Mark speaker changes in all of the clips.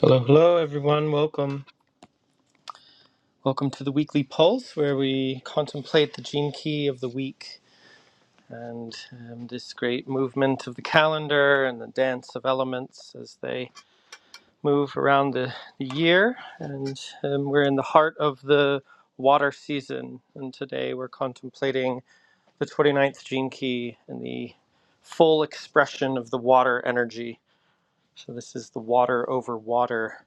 Speaker 1: Hello, hello, everyone. Welcome. Welcome to the weekly pulse where we contemplate the gene key of the week and um, this great movement of the calendar and the dance of elements as they move around the, the year. And um, we're in the heart of the water season. And today we're contemplating the 29th gene key and the full expression of the water energy. So, this is the water over water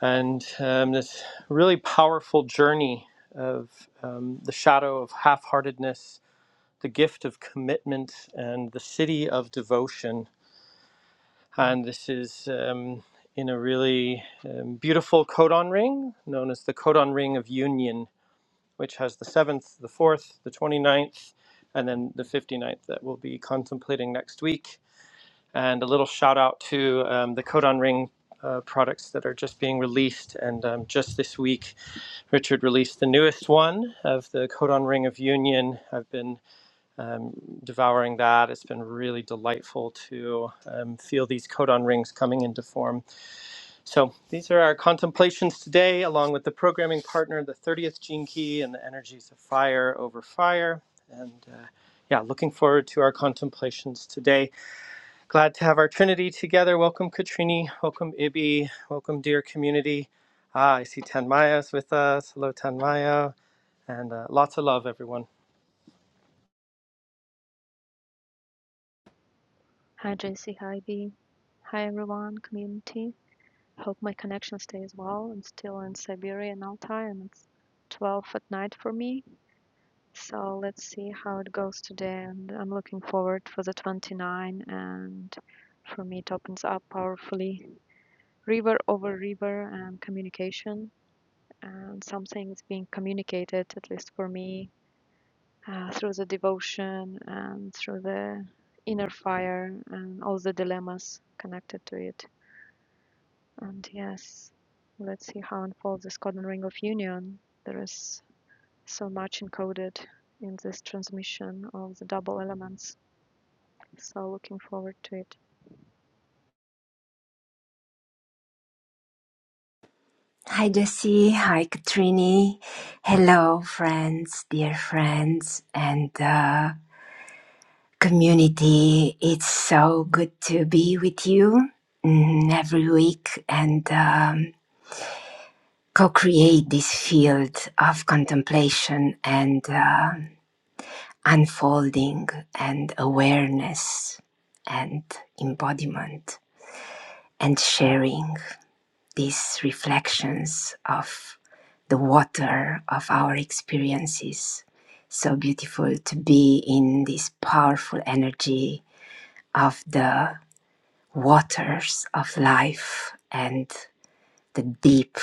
Speaker 1: and um, this really powerful journey of um, the shadow of half heartedness, the gift of commitment, and the city of devotion. And this is um, in a really um, beautiful codon ring known as the codon ring of union, which has the 7th, the 4th, the twenty-ninth, and then the fifty-ninth that we'll be contemplating next week. And a little shout out to um, the codon ring uh, products that are just being released and um, just this week Richard released the newest one of the Codon Ring of Union. I've been um, devouring that. It's been really delightful to um, feel these codon rings coming into form. So, these are our contemplations today, along with the programming partner, the 30th Gene Key, and the energies of fire over fire. And uh, yeah, looking forward to our contemplations today. Glad to have our Trinity together. Welcome, Katrini. Welcome, Ibi. Welcome, dear community. Ah, I see Tanmaya's with us. Hello, Tanmaya. And uh, lots of love, everyone.
Speaker 2: Hi JC, hi B, hi everyone, community. Hope my connection stays well. I'm still in Siberia and Altai and it's 12 at night for me. So let's see how it goes today and I'm looking forward for the 29 and for me it opens up powerfully river over river and communication and something is being communicated at least for me uh, through the devotion and through the inner fire and all the dilemmas connected to it. And yes, let's see how unfolds this golden ring of union. There is so much encoded in this transmission of the double elements. So looking forward to it.
Speaker 3: Hi Jesse, hi Katrini. Hello friends, dear friends and uh, community. It's so good to be with you mm, every week and um, co-create this field of contemplation and uh, unfolding and awareness and embodiment and sharing. these reflections of the water of our experiences. So beautiful to be in this powerful energy of the waters of life and the deep,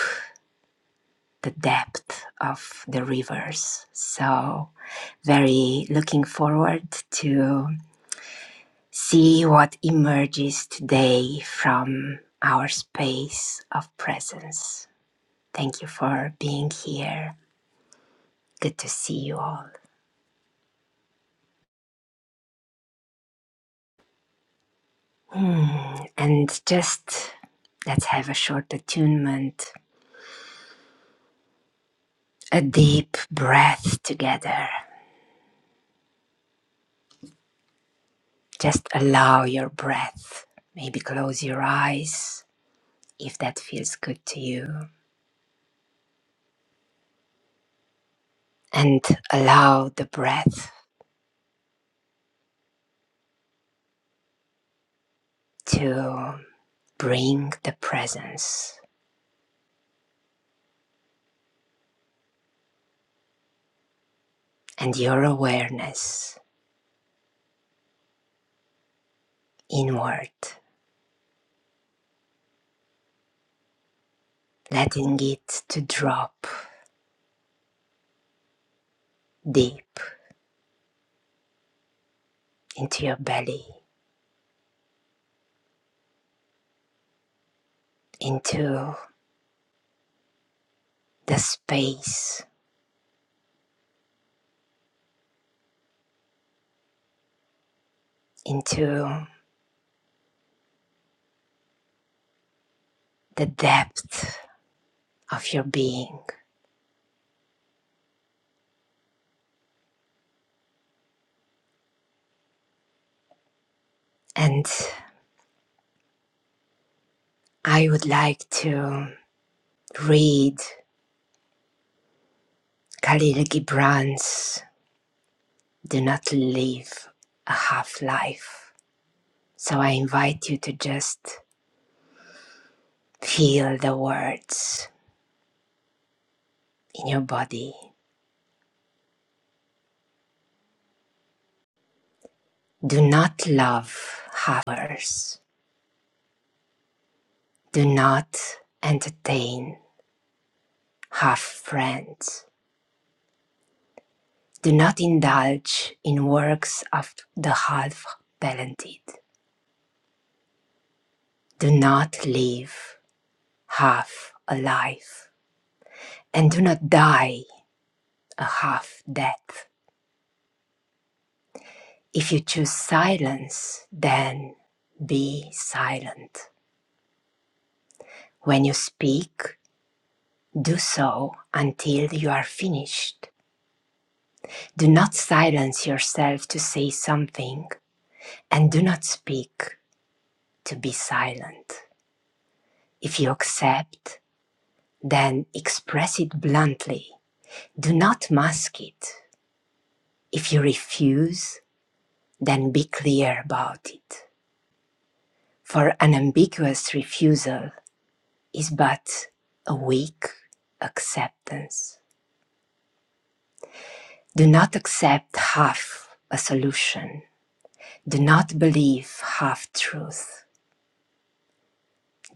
Speaker 3: the depth of the rivers. So very looking forward to see what emerges today from our space of presence. Thank you for being here Good to see you all. And just let's have a short attunement, a deep breath together. Just allow your breath. Maybe close your eyes if that feels good to you. And allow the breath to bring the presence and your awareness inward, letting it to drop deep into your belly, into the space, into the depth of your being. And I would like to read Khalil Gibran's Do Not Live a Half Life. So I invite you to just feel the words in your body. Do not love halfers. Do not entertain half friends. Do not indulge in works of the half talented. Do not live half alive, and do not die a half death. If you choose silence, then be silent. When you speak, do so until you are finished. Do not silence yourself to say something, and do not speak to be silent. If you accept, then express it bluntly. Do not mask it. If you refuse, then be clear about it. For an ambiguous refusal is but a weak acceptance. Do not accept half a solution. Do not believe half truth.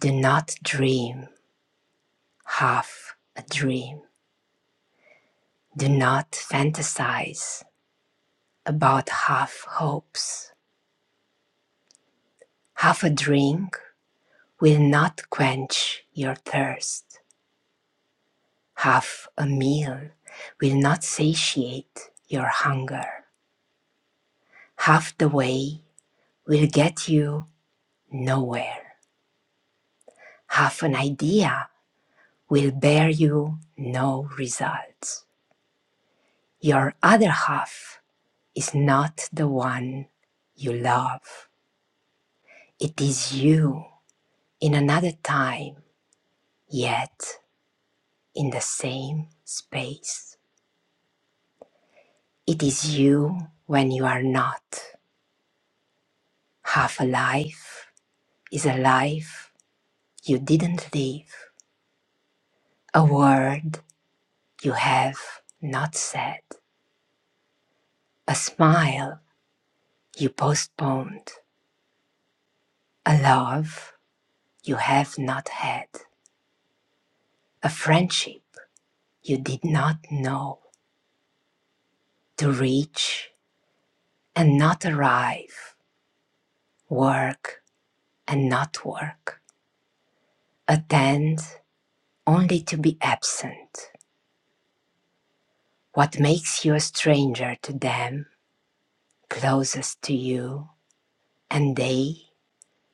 Speaker 3: Do not dream half a dream. Do not fantasize about half hopes. Half a drink will not quench your thirst. Half a meal will not satiate your hunger. Half the way will get you nowhere. Half an idea will bear you no results. Your other half is not the one you love. It is you in another time, yet in the same space. It is you when you are not. Half a life is a life you didn't live, a word you have not said, a smile You postponed a love you have not had, a friendship you did not know to reach and not arrive, work and not work, attend only to be absent. What makes you a stranger to them, closest to you, and they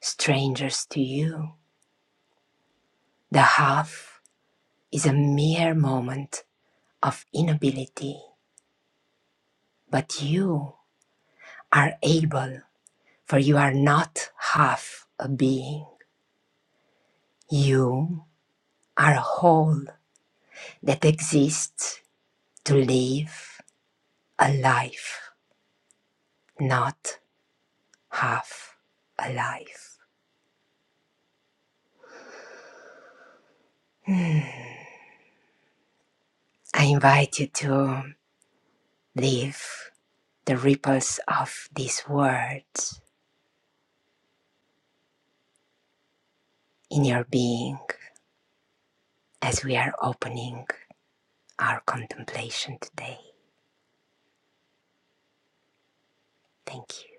Speaker 3: strangers to you? The half is a mere moment of inability, but you are able for you are not half a being. You are a whole that exists to live a life, not half a life. Hmm. I invite you to live the ripples of these words in your being as we are opening our contemplation today. Thank you.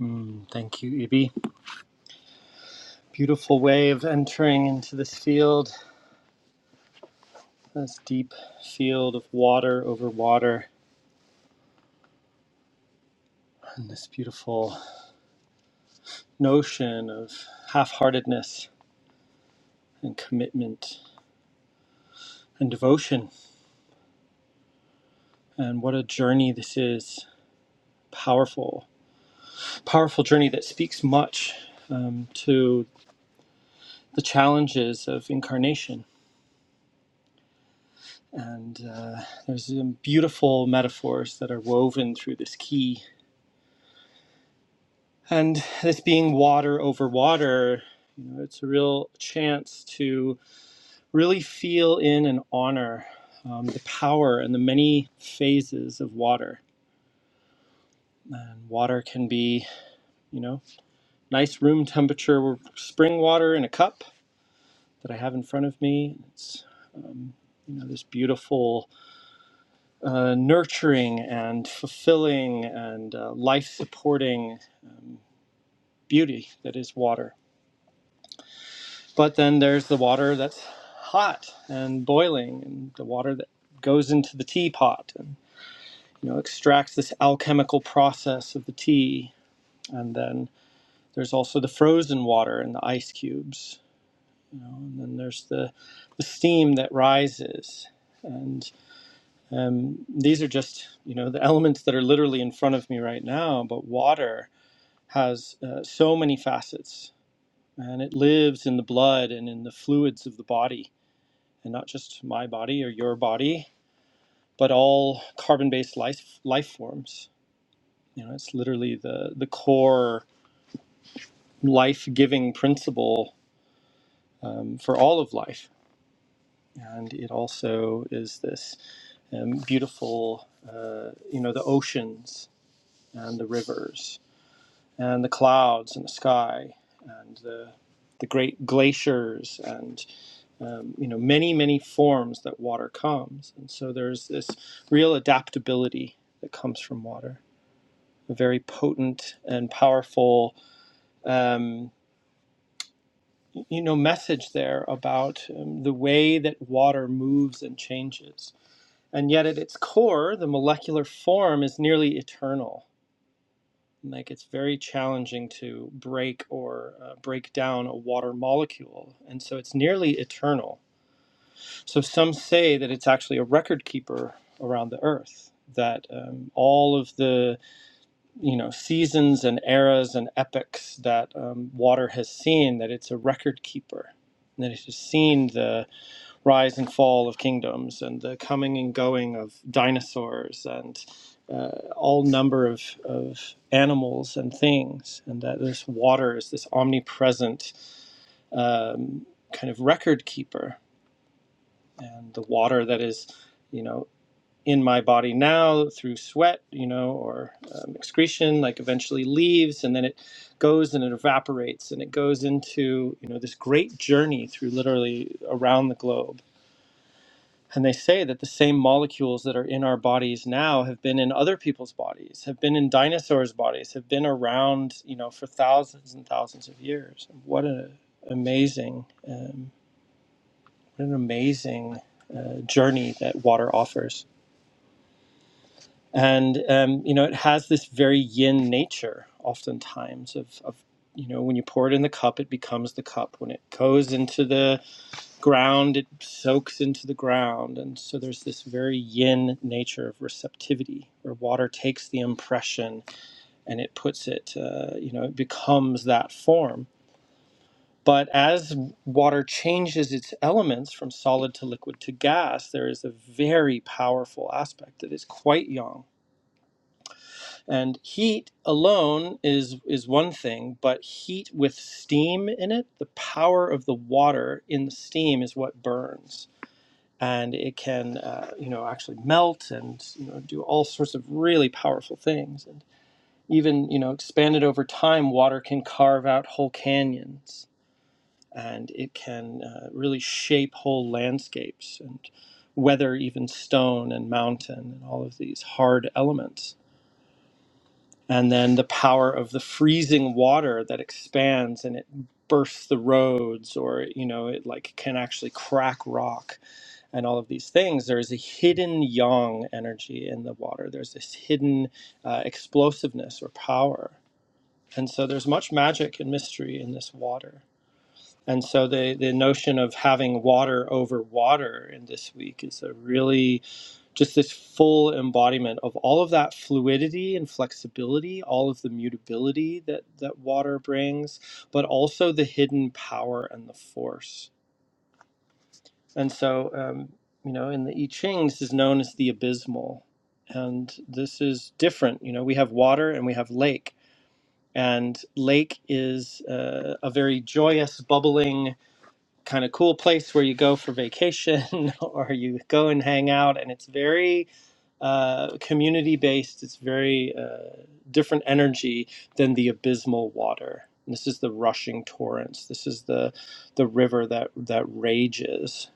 Speaker 1: Mm, thank you, Ibi. Beautiful way of entering into this field, this deep field of water over water, and this beautiful notion of half heartedness and commitment and devotion. And what a journey this is. Powerful, powerful journey that speaks much um, to the challenges of incarnation. And uh, there's some beautiful metaphors that are woven through this key And this being water over water, you know, it's a real chance to really feel in and honor um, the power and the many phases of water. And water can be, you know, nice room temperature spring water in a cup that I have in front of me. It's, um, you know, this beautiful, uh, nurturing and fulfilling and uh, life supporting um, beauty that is water But then there's the water that's hot and boiling, and the water that goes into the teapot and you know extracts this alchemical process of the tea. And then there's also the frozen water and the ice cubes. You know, and then there's the the steam that rises. And um, these are just you know the elements that are literally in front of me right now. But water has uh, so many facets, and it lives in the blood and in the fluids of the body and not just my body or your body, but all carbon-based life life forms. You know, it's literally the the core life-giving principle um, for all of life, and it also is this um, beautiful, uh, you know, the oceans and the rivers and the clouds and the sky and the the great glaciers and. um, you know many many forms that water comes and so there's this real adaptability that comes from water a very potent and powerful um, you know message there about um, the way that water moves and changes and yet at its core the molecular form is nearly eternal like it's very challenging to break or uh, break down a water molecule and so it's nearly eternal So some say that it's actually a record keeper around the earth. That um, all of the you know seasons and eras and epochs that um, water has seen, that it's a record keeper, and that it has seen the rise and fall of kingdoms and the coming and going of dinosaurs and uh, all number of, of animals and things, and that this water is this omnipresent um, kind of record keeper and the water that is, you know, in my body now through sweat, you know, or um, excretion, like eventually leaves, and then it goes and it evaporates, and it goes into, you know, this great journey through literally around the globe. And they say that the same molecules that are in our bodies now have been in other people's bodies, have been in dinosaurs' bodies, have been around, you know, for thousands and thousands of years. What an amazing. um, an amazing uh, journey that water offers. And, um, you know, it has this very yin nature oftentimes of, of, you know, when you pour it in the cup, it becomes the cup. When it goes into the ground, it soaks into the ground. And so there's this very yin nature of receptivity where water takes the impression and it puts it, uh, you know, it becomes that form But as water changes its elements from solid to liquid to gas, there is a very powerful aspect that is quite young. And heat alone is, is one thing, but heat with steam in it, the power of the water in the steam is what burns. And it can, uh, you know, actually melt and you know do all sorts of really powerful things. And even, you know, expanded over time, water can carve out whole canyons and it can uh, really shape whole landscapes and weather even stone and mountain and all of these hard elements. And then the power of the freezing water that expands and it bursts the roads or you know it like can actually crack rock and all of these things there is a hidden yang energy in the water there's this hidden uh, explosiveness or power and so there's much magic and mystery in this water and so the, the notion of having water over water in this week is a really just this full embodiment of all of that fluidity and flexibility, all of the mutability that, that water brings, but also the hidden power and the force. And so, um, you know, in the I Ching, this is known as the abysmal. And this is different. You know, we have water and we have lake. And lake is uh, a very joyous, bubbling, kind of cool place where you go for vacation or you go and hang out and it's very uh, community based it's very uh, different energy than the abysmal water And this is the rushing torrents this is the the river that that rages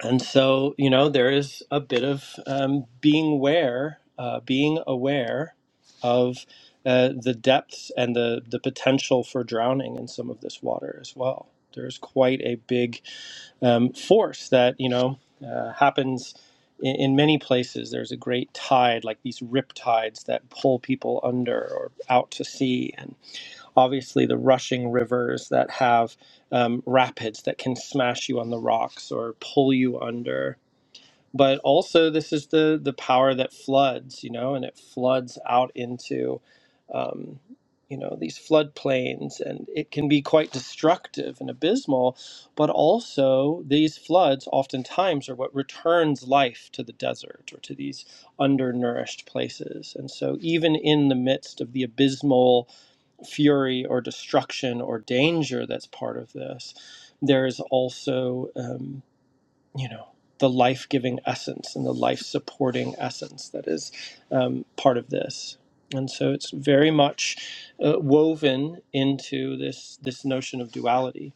Speaker 1: and so you know there is a bit of um, being aware uh, being aware of uh, the depths and the the potential for drowning in some of this water as well there's quite a big um, force that you know uh, happens in, in many places. There's a great tide, like these rip tides that pull people under or out to sea, and obviously the rushing rivers that have um, rapids that can smash you on the rocks or pull you under but also this is the the power that floods you know and it floods out into um, you know these floodplains and it can be quite destructive and abysmal but also these floods oftentimes are what returns life to the desert or to these undernourished places and so even in the midst of the abysmal fury or destruction or danger that's part of this there is also um, you know the life-giving essence and the life-supporting essence that is um, part of this and so it's very much uh, woven into this this notion of duality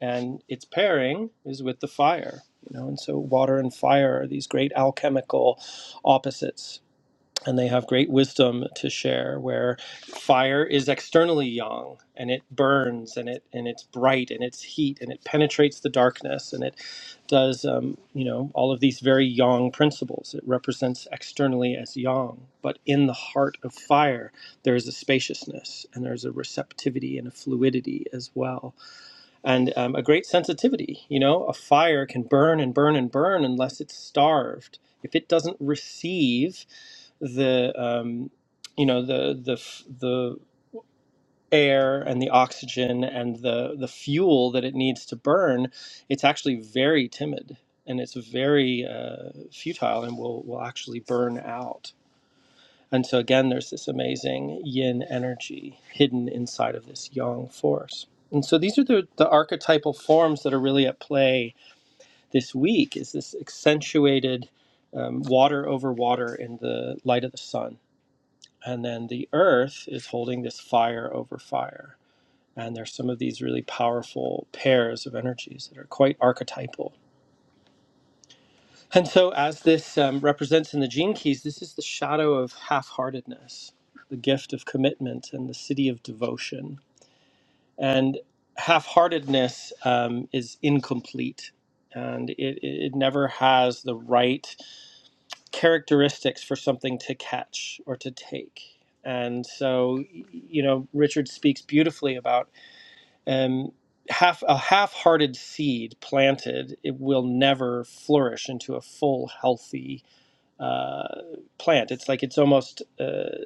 Speaker 1: and its pairing is with the fire you know and so water and fire are these great alchemical opposites and they have great wisdom to share where fire is externally young and it burns and it and it's bright and it's heat and it penetrates the darkness and it does um, you know all of these very yang principles it represents externally as yang but in the heart of fire there is a spaciousness and there's a receptivity and a fluidity as well and um, a great sensitivity. You know, a fire can burn and burn and burn unless it's starved. If it doesn't receive the, um, you know, the the f- the air and the oxygen and the the fuel that it needs to burn, it's actually very timid and it's very uh, futile and will will actually burn out. And so again, there's this amazing yin energy hidden inside of this yang force. And so these are the, the archetypal forms that are really at play this week is this accentuated um, water over water in the light of the sun. And then the earth is holding this fire over fire. And there's some of these really powerful pairs of energies that are quite archetypal And so, as this um, represents in the gene keys, this is the shadow of half heartedness, the gift of commitment, and the city of devotion. And half heartedness um, is incomplete. And it, it never has the right characteristics for something to catch or to take. And so, y- you know, Richard speaks beautifully about um, half a half-hearted seed planted, it will never flourish into a full, healthy uh, plant. It's like it's almost, uh,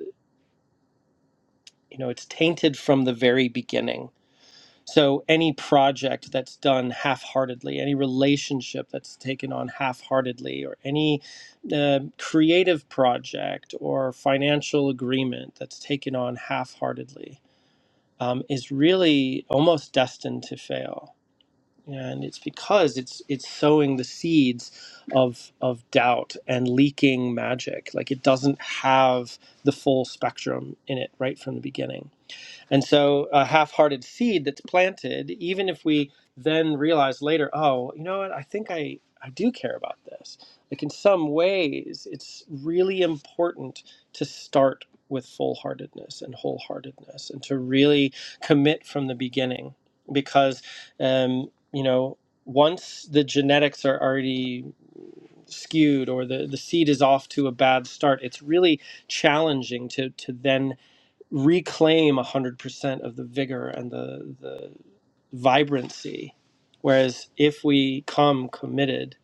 Speaker 1: you know, it's tainted from the very beginning. So any project that's done half-heartedly, any relationship that's taken on half-heartedly, or any uh, creative project or financial agreement that's taken on half-heartedly, um, is really almost destined to fail and it's because it's it's sowing the seeds of of doubt and leaking magic like it doesn't have the full spectrum in it right from the beginning and so a half hearted seed that's planted, even if we then realize later, oh, you know what, I think I, I do care about this. Like in some ways, it's really important to start with full heartedness and wholeheartedness and to really commit from the beginning because, um, you know, once the genetics are already skewed or the, the seed is off to a bad start, it's really challenging to, to then reclaim 100% of the vigor and the, the vibrancy. Whereas if we come committed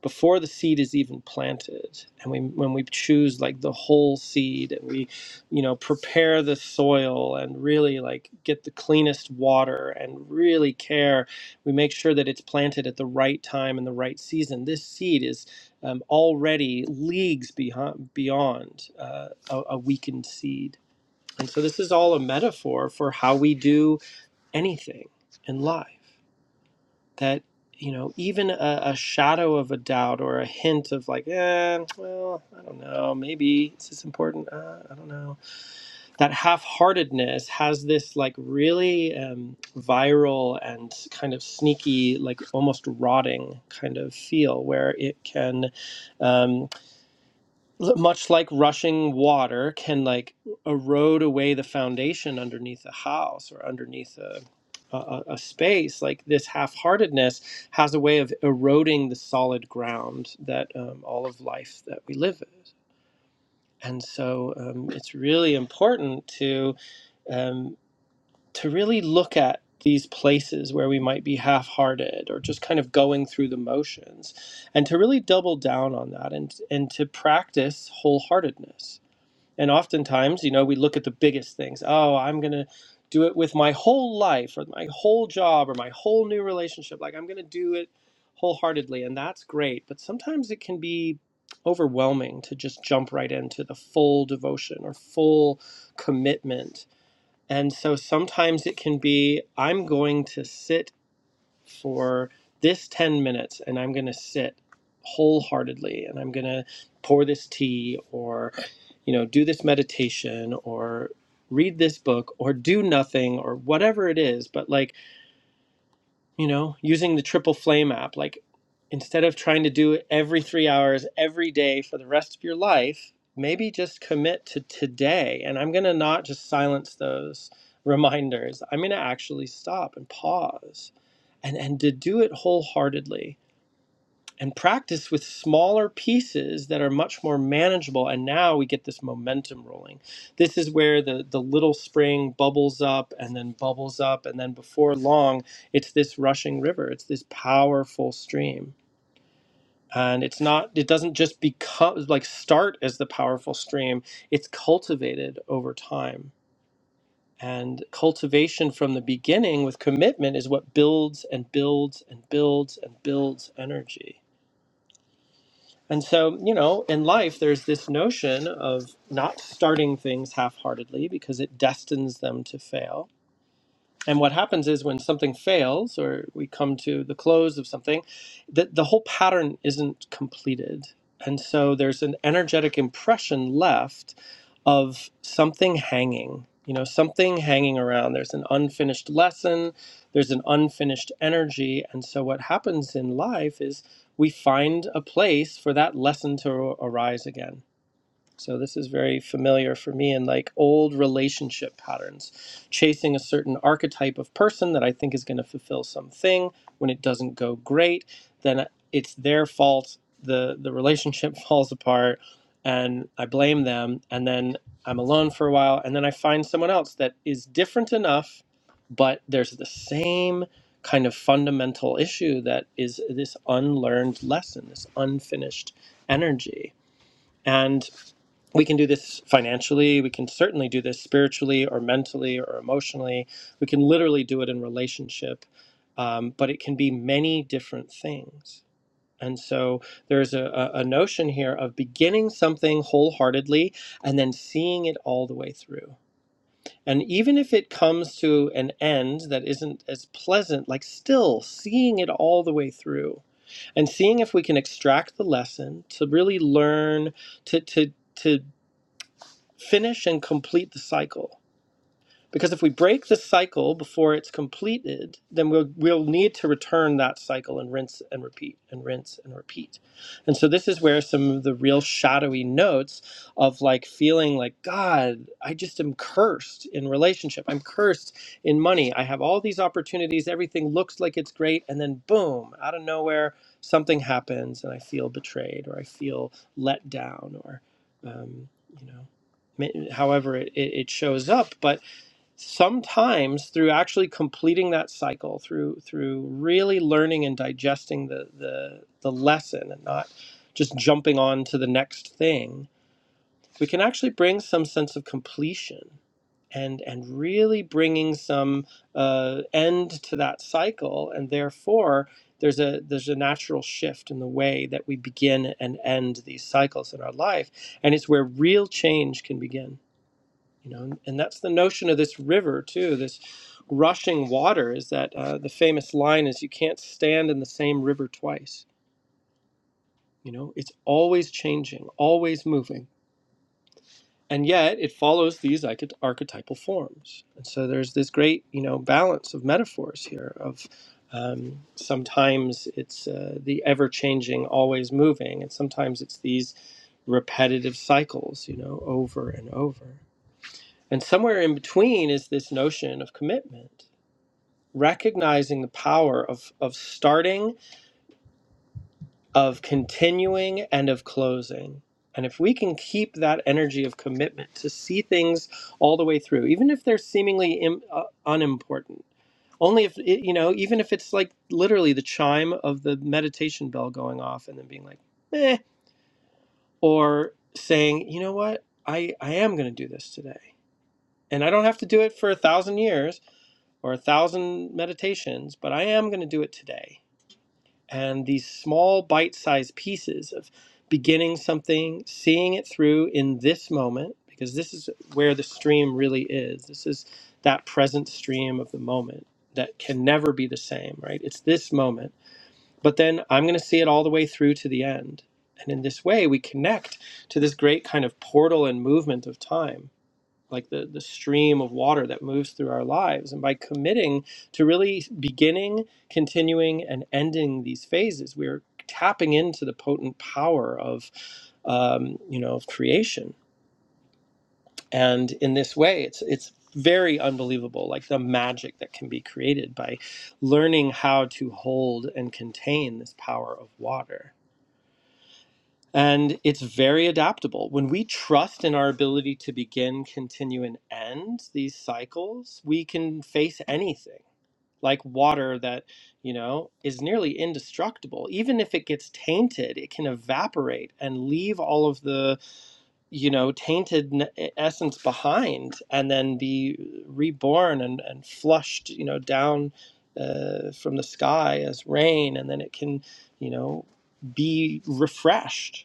Speaker 1: before the seed is even planted, and we when we choose like the whole seed and we, you know, prepare the soil and really like get the cleanest water and really care, we make sure that it's planted at the right time and the right season. This seed is um, already leagues behind, beyond uh, a, a weakened seed and so this is all a metaphor for how we do anything in life. That, you know, even a, a shadow of a doubt or a hint of like, eh, well, I don't know, maybe is this important? Uh, I don't know. That half heartedness has this like really um, viral and kind of sneaky, like almost rotting kind of feel where it can. um, l- much like rushing water can like erode away the foundation underneath a house or underneath a a, a a space like this half-heartedness has a way of eroding the solid ground that um, all of life that we live is and so um, it's really important to um, to really look at these places where we might be half-hearted or just kind of going through the motions and to really double down on that and and to practice wholeheartedness and oftentimes, you know, we look at the biggest things. Oh, I'm going to do it with my whole life or my whole job or my whole new relationship. Like, I'm going to do it wholeheartedly. And that's great. But sometimes it can be overwhelming to just jump right into the full devotion or full commitment. And so sometimes it can be, I'm going to sit for this 10 minutes and I'm going to sit wholeheartedly and I'm going to pour this tea or, you know, do this meditation or read this book or do nothing or whatever it is. But like, you know, using the Triple Flame app, like instead of trying to do it every three hours every day for the rest of your life, maybe just commit to today. And I'm going to not just silence those reminders. I'm going to actually stop and pause and, and to do it wholeheartedly and practice with smaller pieces that are much more manageable and now we get this momentum rolling this is where the the little spring bubbles up and then bubbles up and then before long it's this rushing river it's this powerful stream and it's not it doesn't just become like start as the powerful stream it's cultivated over time and cultivation from the beginning with commitment is what builds and builds and builds and builds energy And so, you know, in life, there's this notion of not starting things half heartedly because it destines them to fail. And what happens is when something fails or we come to the close of something, the the whole pattern isn't completed. And so there's an energetic impression left of something hanging, you know, something hanging around. There's an unfinished lesson, there's an unfinished energy. And so what happens in life is we find a place for that lesson to arise again. So this is very familiar for me in like old relationship patterns, chasing a certain archetype of person that I think is going to fulfill something. When it doesn't go great, then it's their fault. the The relationship falls apart, and I blame them. And then I'm alone for a while, and then I find someone else that is different enough, but there's the same kind of fundamental issue that is this unlearned lesson, this unfinished energy. and we can do this financially we can certainly do this spiritually or mentally or emotionally we can literally do it in relationship um, but it can be many different things and so there's a, a a notion here of beginning something wholeheartedly and then seeing it all the way through and even if it comes to an end that isn't as pleasant like still seeing it all the way through and seeing if we can extract the lesson to really learn to to to Finish and complete the cycle. Because if we break the cycle before it's completed, then we'll, we'll need to return that cycle and rinse and repeat and rinse and repeat. And so this is where some of the real shadowy notes of like feeling like, God, I just am cursed in relationship. I'm cursed in money. I have all these opportunities. Everything looks like it's great. And then boom, out of nowhere, something happens and I feel betrayed or I feel let down or, um, you know, ma- however it, it it shows up. But sometimes through actually completing that cycle through through really learning and digesting the the the lesson and not just jumping on to the next thing we can actually bring some sense of completion and and really bringing some uh, end to that cycle and therefore there's a there's a natural shift in the way that we begin and end these cycles in our life and it's where real change can begin you know and, and that's the notion of this river too this rushing water is that uh, the famous line is you can't stand in the same river twice you know it's always changing always moving and yet it follows these archety- archetypal forms and so there's this great you know balance of metaphors here of um, sometimes it's uh, the ever-changing always moving and sometimes it's these repetitive cycles you know over and over And somewhere in between is this notion of commitment, recognizing the power of, of starting, of continuing, and of closing. And if we can keep that energy of commitment to see things all the way through, even if they're seemingly Im, uh, unimportant, only if, it, you know, even if it's like literally the chime of the meditation bell going off and then being like, eh, or saying, you know what, I, I am going to do this today. And I don't have to do it for a thousand years or a thousand meditations, but I am going to do it today. And these small bite sized pieces of beginning something, seeing it through in this moment, because this is where the stream really is. This is that present stream of the moment that can never be the same, right? It's this moment. But then I'm going to see it all the way through to the end. And in this way, we connect to this great kind of portal and movement of time like the, the stream of water that moves through our lives. And by committing to really beginning, continuing, and ending these phases, we're tapping into the potent power of, um, you know, of creation. And in this way, it's it's very unbelievable, like the magic that can be created by learning how to hold and contain this power of water. And it's very adaptable. When we trust in our ability to begin, continue, and end these cycles, we can face anything like water that, you know, is nearly indestructible. Even if it gets tainted, it can evaporate and leave all of the, you know, tainted n- e, essence behind and then be reborn and, and flushed, you know, down uh, from the sky as rain. And then it can, you know, be refreshed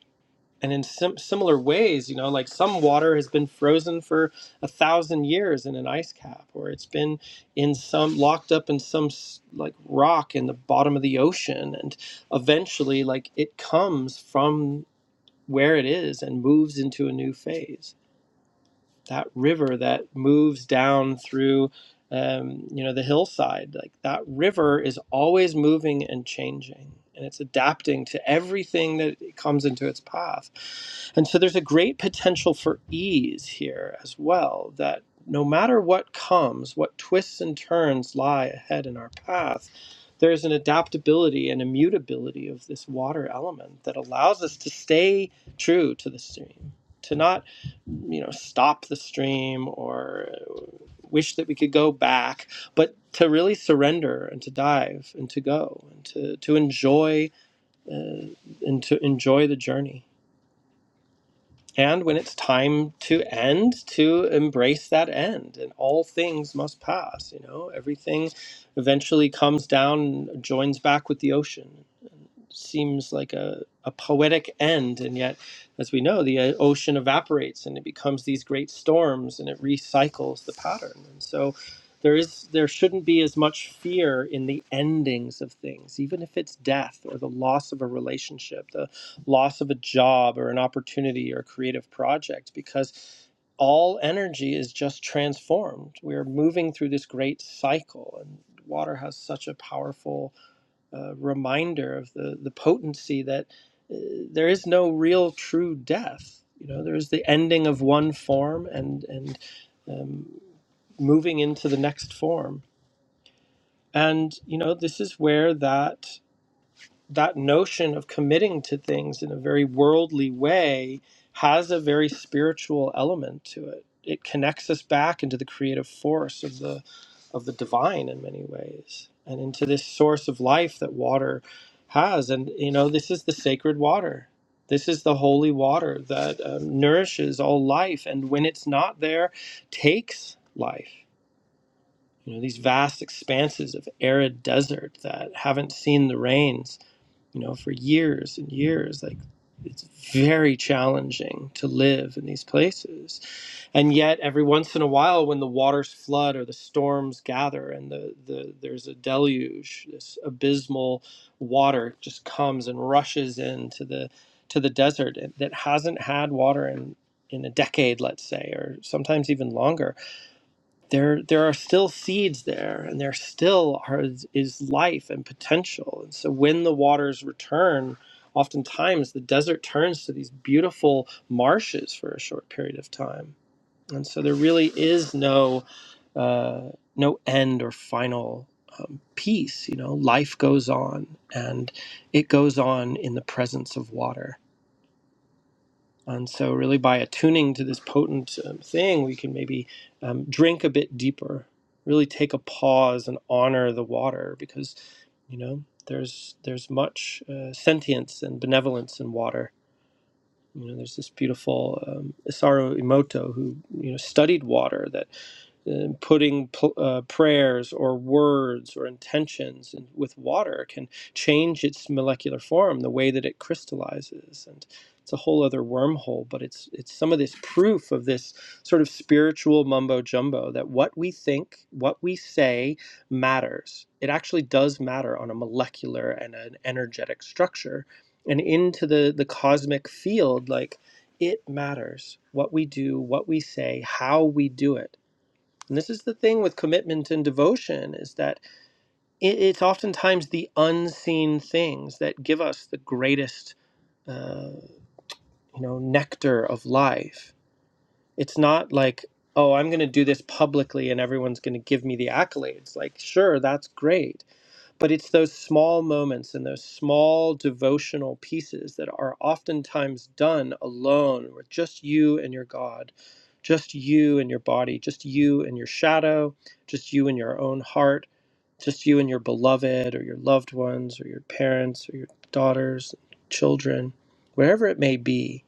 Speaker 1: and in sim- similar ways you know like some water has been frozen for a thousand years in an ice cap or it's been in some locked up in some s- like rock in the bottom of the ocean and eventually like it comes from where it is and moves into a new phase that river that moves down through um, you know the hillside like that river is always moving and changing and it's adapting to everything that comes into its path and so there's a great potential for ease here as well that no matter what comes what twists and turns lie ahead in our path there's an adaptability and immutability of this water element that allows us to stay true to the stream to not you know stop the stream or wish that we could go back but to really surrender and to dive and to go and to to enjoy uh, and to enjoy the journey and when it's time to end to embrace that end and all things must pass you know everything eventually comes down and joins back with the ocean seems like a, a poetic end. And yet, as we know, the uh, ocean evaporates and it becomes these great storms and it recycles the pattern. And so there is there shouldn't be as much fear in the endings of things, even if it's death or the loss of a relationship, the loss of a job or an opportunity or a creative project, because all energy is just transformed. We are moving through this great cycle, and water has such a powerful uh, reminder of the, the potency that uh, there is no real true death. You know, there is the ending of one form and and um, moving into the next form. And you know, this is where that that notion of committing to things in a very worldly way has a very spiritual element to it. It connects us back into the creative force of the of the divine in many ways and into this source of life that water has and you know this is the sacred water. This is the holy water that um, nourishes all life and when it's not there takes life. You know these vast expanses of arid desert that haven't seen the rains you know, for years and years. Like, it's very challenging to live in these places. And yet, every once in a while, when the waters flood or the storms gather and the, the there's a deluge, this abysmal water just comes and rushes into the to the desert that hasn't had water in in a decade, let's say, or sometimes even longer there there are still seeds there and there still are, is life and potential and so when the waters return oftentimes the desert turns to these beautiful marshes for a short period of time and so there really is no uh, no end or final um, peace you know life goes on and it goes on in the presence of water and so, really, by attuning to this potent um, thing, we can maybe um, drink a bit deeper. Really take a pause and honor the water because you know there's there's much uh, sentience and benevolence in water. You know, there's this beautiful um, Isaru Imoto who you know studied water. that uh, putting pl- uh, prayers or words or intentions in, with water can change its molecular form, the way that it crystallizes, and it's a whole other wormhole. But it's it's some of this proof of this sort of spiritual mumbo jumbo that what we think, what we say, matters. It actually does matter on a molecular and an energetic structure, and into the the cosmic field, like it matters what we do, what we say, how we do it and this is the thing with commitment and devotion is that it, it's oftentimes the unseen things that give us the greatest, uh, you know, nectar of life. It's not like, oh, I'm going to do this publicly and everyone's going to give me the accolades. Like, sure, that's great but it's those small moments and those small devotional pieces that are oftentimes done alone, with just you and your God, just you and your body, just you and your shadow, just you and your own heart, just you and your beloved or your loved ones or your parents or your daughters, children, wherever it may be.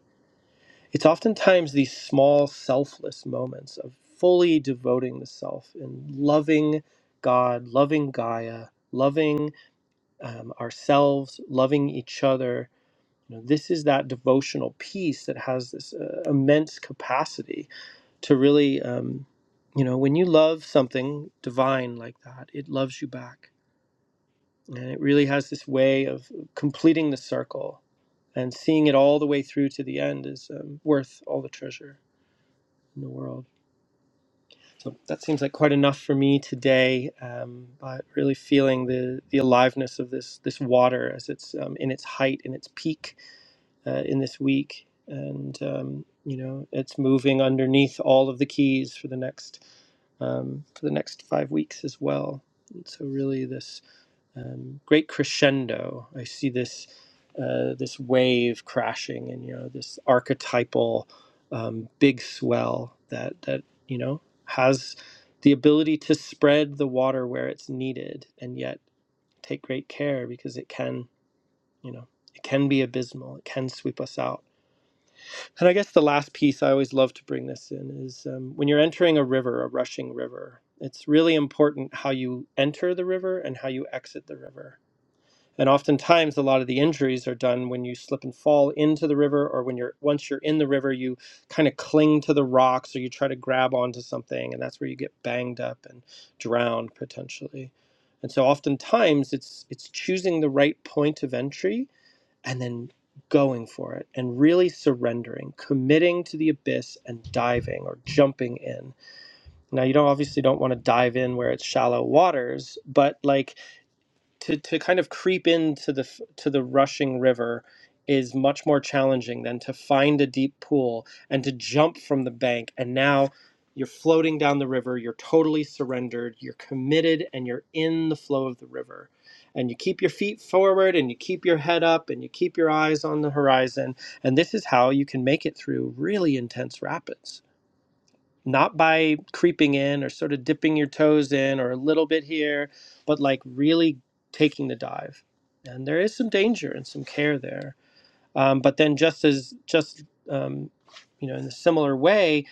Speaker 1: It's oftentimes these small, selfless moments of fully devoting the self and loving God, loving Gaia, loving um, ourselves, loving each other. You know, this is that devotional piece that has this uh, immense capacity to really, um, you know, when you love something divine like that, it loves you back. And it really has this way of completing the circle and seeing it all the way through to the end is um, worth all the treasure in the world. So that seems like quite enough for me today. Um, but really feeling the the aliveness of this this water as it's um, in its height, in its peak, uh, in this week, and um, you know it's moving underneath all of the keys for the next um, for the next five weeks as well. And so really, this um, great crescendo. I see this uh, this wave crashing, and you know this archetypal um, big swell that that you know has the ability to spread the water where it's needed, and yet take great care because it can you know it can be abysmal. It can sweep us out and I guess the last piece I always love to bring this in is um, when you're entering a river, a rushing river, it's really important how you enter the river and how you exit the river. And oftentimes, a lot of the injuries are done when you slip and fall into the river, or when you're once you're in the river, you kind of cling to the rocks or you try to grab onto something, and that's where you get banged up and drowned potentially. And so, oftentimes, it's it's choosing the right point of entry and then going for it and really surrendering, committing to the abyss and diving or jumping in. Now you don't obviously don't want to dive in where it's shallow waters, but like to to kind of creep into the f- to the rushing river is much more challenging than to find a deep pool and to jump from the bank and now you're floating down the river you're totally surrendered you're committed and you're in the flow of the river and you keep your feet forward and you keep your head up and you keep your eyes on the horizon and this is how you can make it through really intense rapids not by creeping in or sort of dipping your toes in or a little bit here, but like really taking the dive. And there is some danger and some care there. Um, but then, just as just um, you know, in a similar way,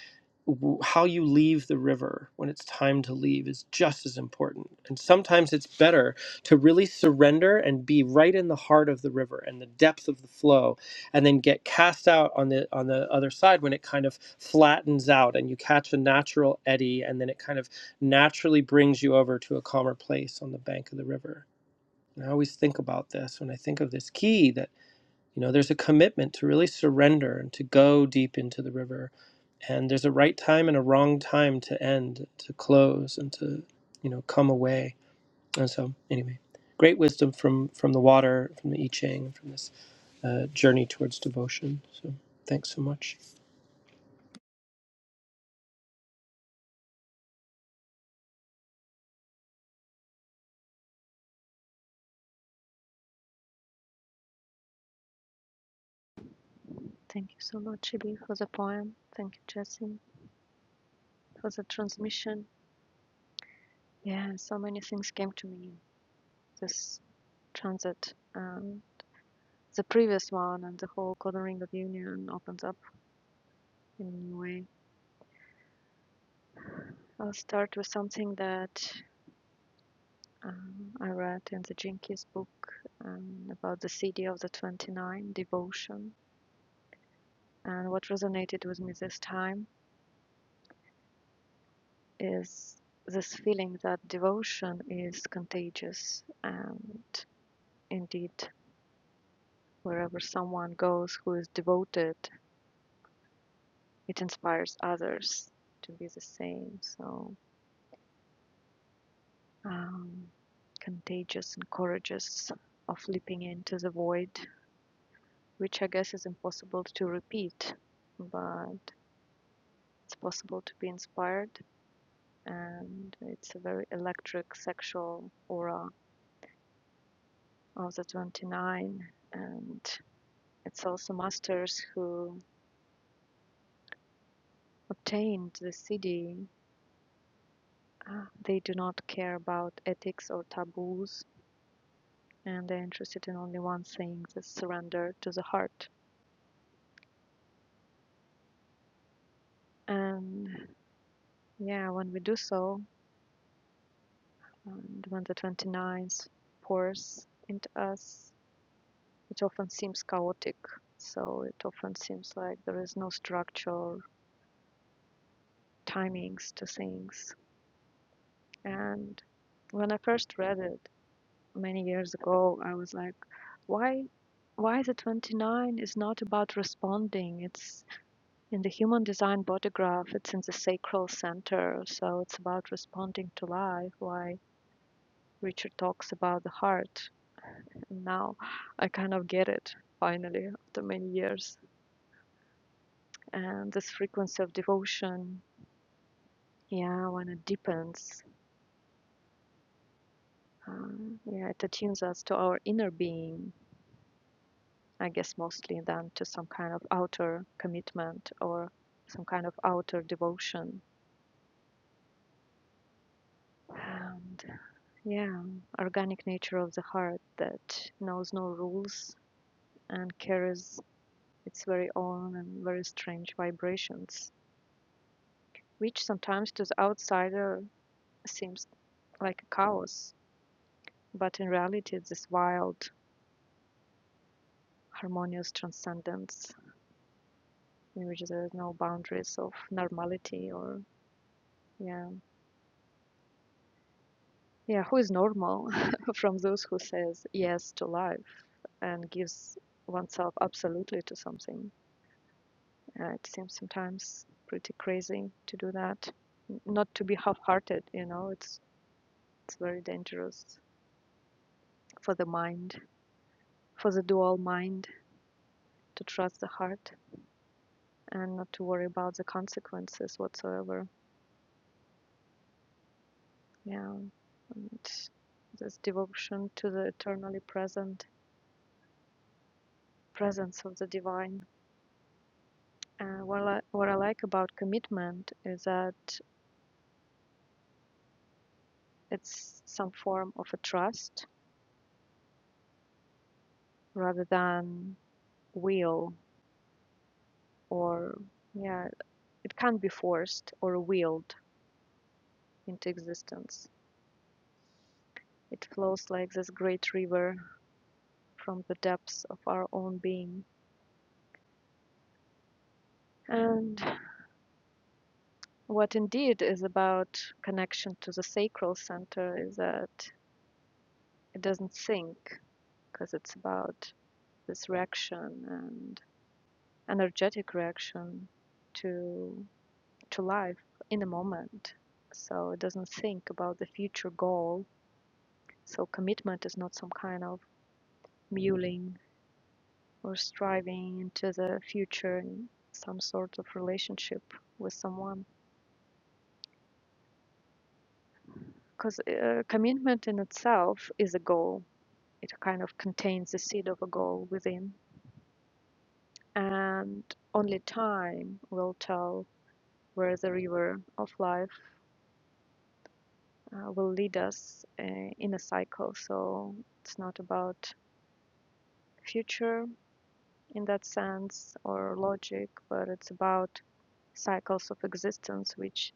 Speaker 1: w- how you leave the river when it's time to leave is just as important. And sometimes it's better to really surrender and be right in the heart of the river and the depth of the flow, and then get cast out on the on the other side when it kind of flattens out and you catch a natural eddy, and then it kind of naturally brings you over to a calmer place on the bank of the river. And I always think about this when I think of this key that. You know, there's a commitment to really surrender and to go deep into the river. And there's a right time and a wrong time to end, to close, and to, you know, come away. And so, anyway, great wisdom from from the water, from the I Ching, from this uh, journey towards devotion. So, thanks so much.
Speaker 2: Thank you so much, Ibi, for the poem. Thank you, Jesse, for the transmission. Yeah, so many things came to me this transit. Um, the previous one and the whole golden ring of union opens up in a new way. I'll start with something that Um, I read in the Jinkies book um, about the city of the 29, devotion. And what resonated with me this time is this feeling that devotion is contagious. And indeed, wherever someone goes who is devoted, it inspires others to be the same. So, um, contagious and courageous of leaping into the void, which I guess is impossible to repeat. But It's possible to be inspired, and it's a very electric sexual aura of the 29. And it's also masters who obtained the CD. Uh, They do not care about ethics or taboos, and they're interested in only one thing the surrender to the heart. And yeah, when we do so, and when the 29s pours into us it often seems chaotic. So it often seems like there is no structure, timings to things. And when I first read it many years ago, I was like, why? Why the 29 is not about responding. It's in the human design body graph, it's in the sacral center, so it's about responding to life. Why Richard talks about the heart. And now I kind of get it finally after many years and this frequency of devotion yeah when it deepens um, yeah it attunes us to our inner being i guess mostly than to some kind of outer commitment or some kind of outer devotion and yeah organic nature of the heart that knows no rules and carries its very own and very strange vibrations which sometimes to the outsider seems like a chaos but in reality it's this wild harmonious transcendence in which there is no boundaries of normality or yeah yeah who is normal from those who says yes to life and gives oneself absolutely to something uh, it seems sometimes pretty crazy to do that not to be half-hearted you know it's it's very dangerous for the mind for the dual mind to trust the heart and not to worry about the consequences whatsoever Yeah, and this devotion to the eternally present presence of the divine. And what I, what I like about commitment is that it's some form of a trust rather than will or yeah, it can't be forced or willed into existence. It flows like this great river from the depths of our own being. And what indeed is about connection to the sacral center is that it doesn't think because it's about this reaction and energetic reaction to to life in the moment so it doesn't think about the future goal so commitment is not some kind of mulling or striving into the future in some sort of relationship with someone because uh, commitment in itself is a goal it kind of contains the seed of a goal within and only time will tell where the river of life uh, will lead us uh, in a cycle. So it's not about future in that sense or logic, but it's about cycles of existence which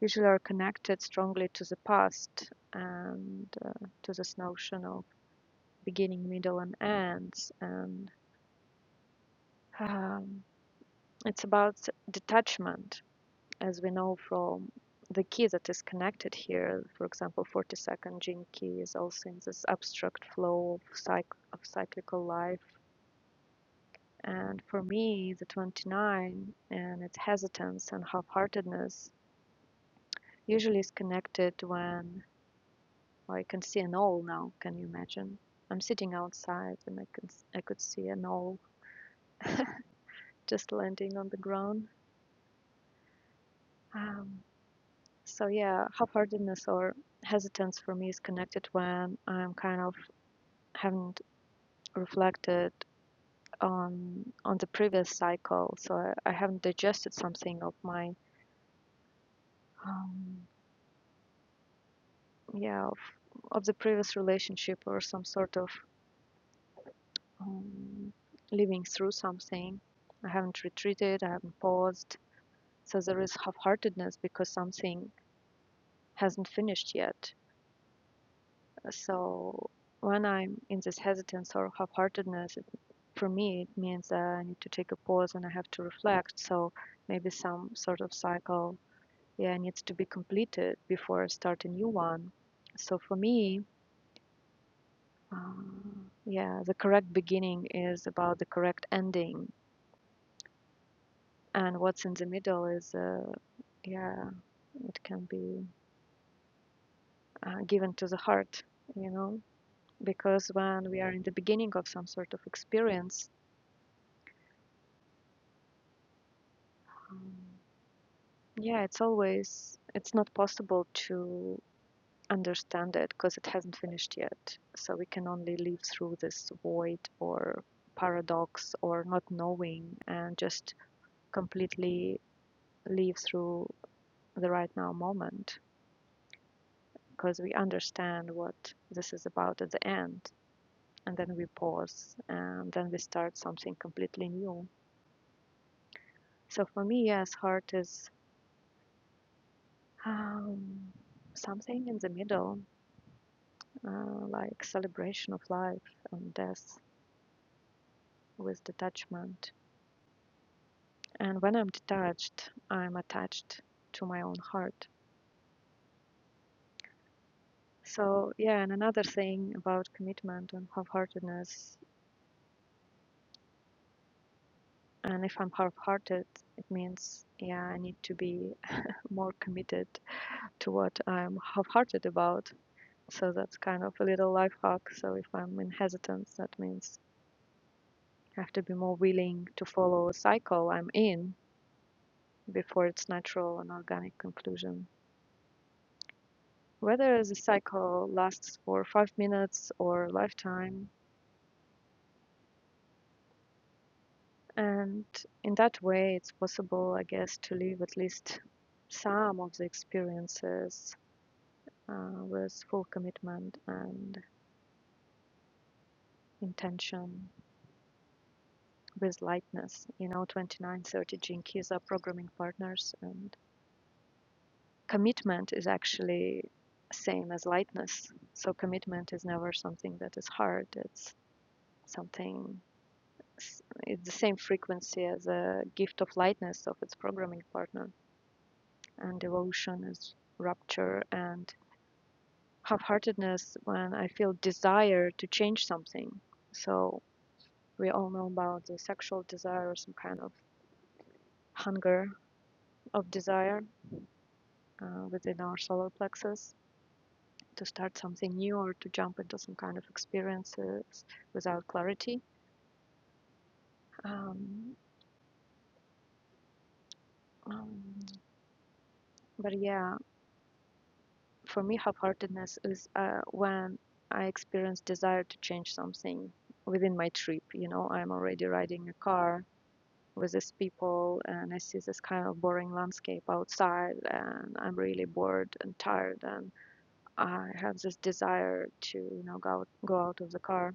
Speaker 2: usually are connected strongly to the past and uh, to this notion of beginning, middle, and ends. And um, it's about detachment as we know from the key that is connected here, for example, 42nd gene key is also in this abstract flow of, cyc- of cyclical life. And for me, the 29 and its hesitance and half-heartedness usually is connected when well, I can see an owl now. Can you imagine? I'm sitting outside and I can I could see an owl just landing on the ground. Um, so yeah, half-heartedness or hesitance for me is connected when I'm kind of haven't reflected on on the previous cycle, so I, I haven't digested something of my um, yeah of, of the previous relationship or some sort of um, living through something. I haven't retreated. I haven't paused. So there is half-heartedness because something hasn't finished yet. So when I'm in this hesitance or half-heartedness, for me it means that I need to take a pause and I have to reflect. So maybe some sort of cycle yeah needs to be completed before I start a new one. So for me, uh, yeah, the correct beginning is about the correct ending, and what's in the middle is uh, yeah, it can be uh, given to the heart, you know, because when we are in the beginning of some sort of experience, um, yeah, it's always it's not possible to understand it because it hasn't finished yet. So we can only live through this void or paradox or not knowing and just completely live through the right now moment because we understand what this is about at the end. And then we pause and then we start something completely new. So for me, yes, heart is um, something in the middle, uh, like celebration of life and death with detachment And when I'm detached, I'm attached to my own heart. So, yeah, and another thing about commitment and half heartedness, and if I'm half hearted, it means, yeah, I need to be more committed to what I'm half hearted about. So, that's kind of a little life hack. So, if I'm in hesitance, that means I have to be more willing to follow a cycle I'm in before its natural and organic conclusion. Whether the cycle lasts for five minutes or a lifetime, And in that way, it's possible, I guess, to live at least some of the experiences uh, with full commitment and intention, with lightness. You know, 2930 Jinkies are programming partners, and commitment is actually same as lightness. So commitment is never something that is hard. It's something. It's the same frequency as a gift of lightness of its programming partner and devotion is rupture and half-heartedness when I feel desire to change something. So we all know about the sexual desire or some kind of hunger of desire uh, within our solar plexus to start something new or to jump into some kind of experiences without clarity. Um, um, but yeah, for me, half-heartedness is uh, when I experience desire to change something within my trip. You know, I'm already riding a car with these people and I see this kind of boring landscape outside and I'm really bored and tired and I have this desire to you know go out, go out of the car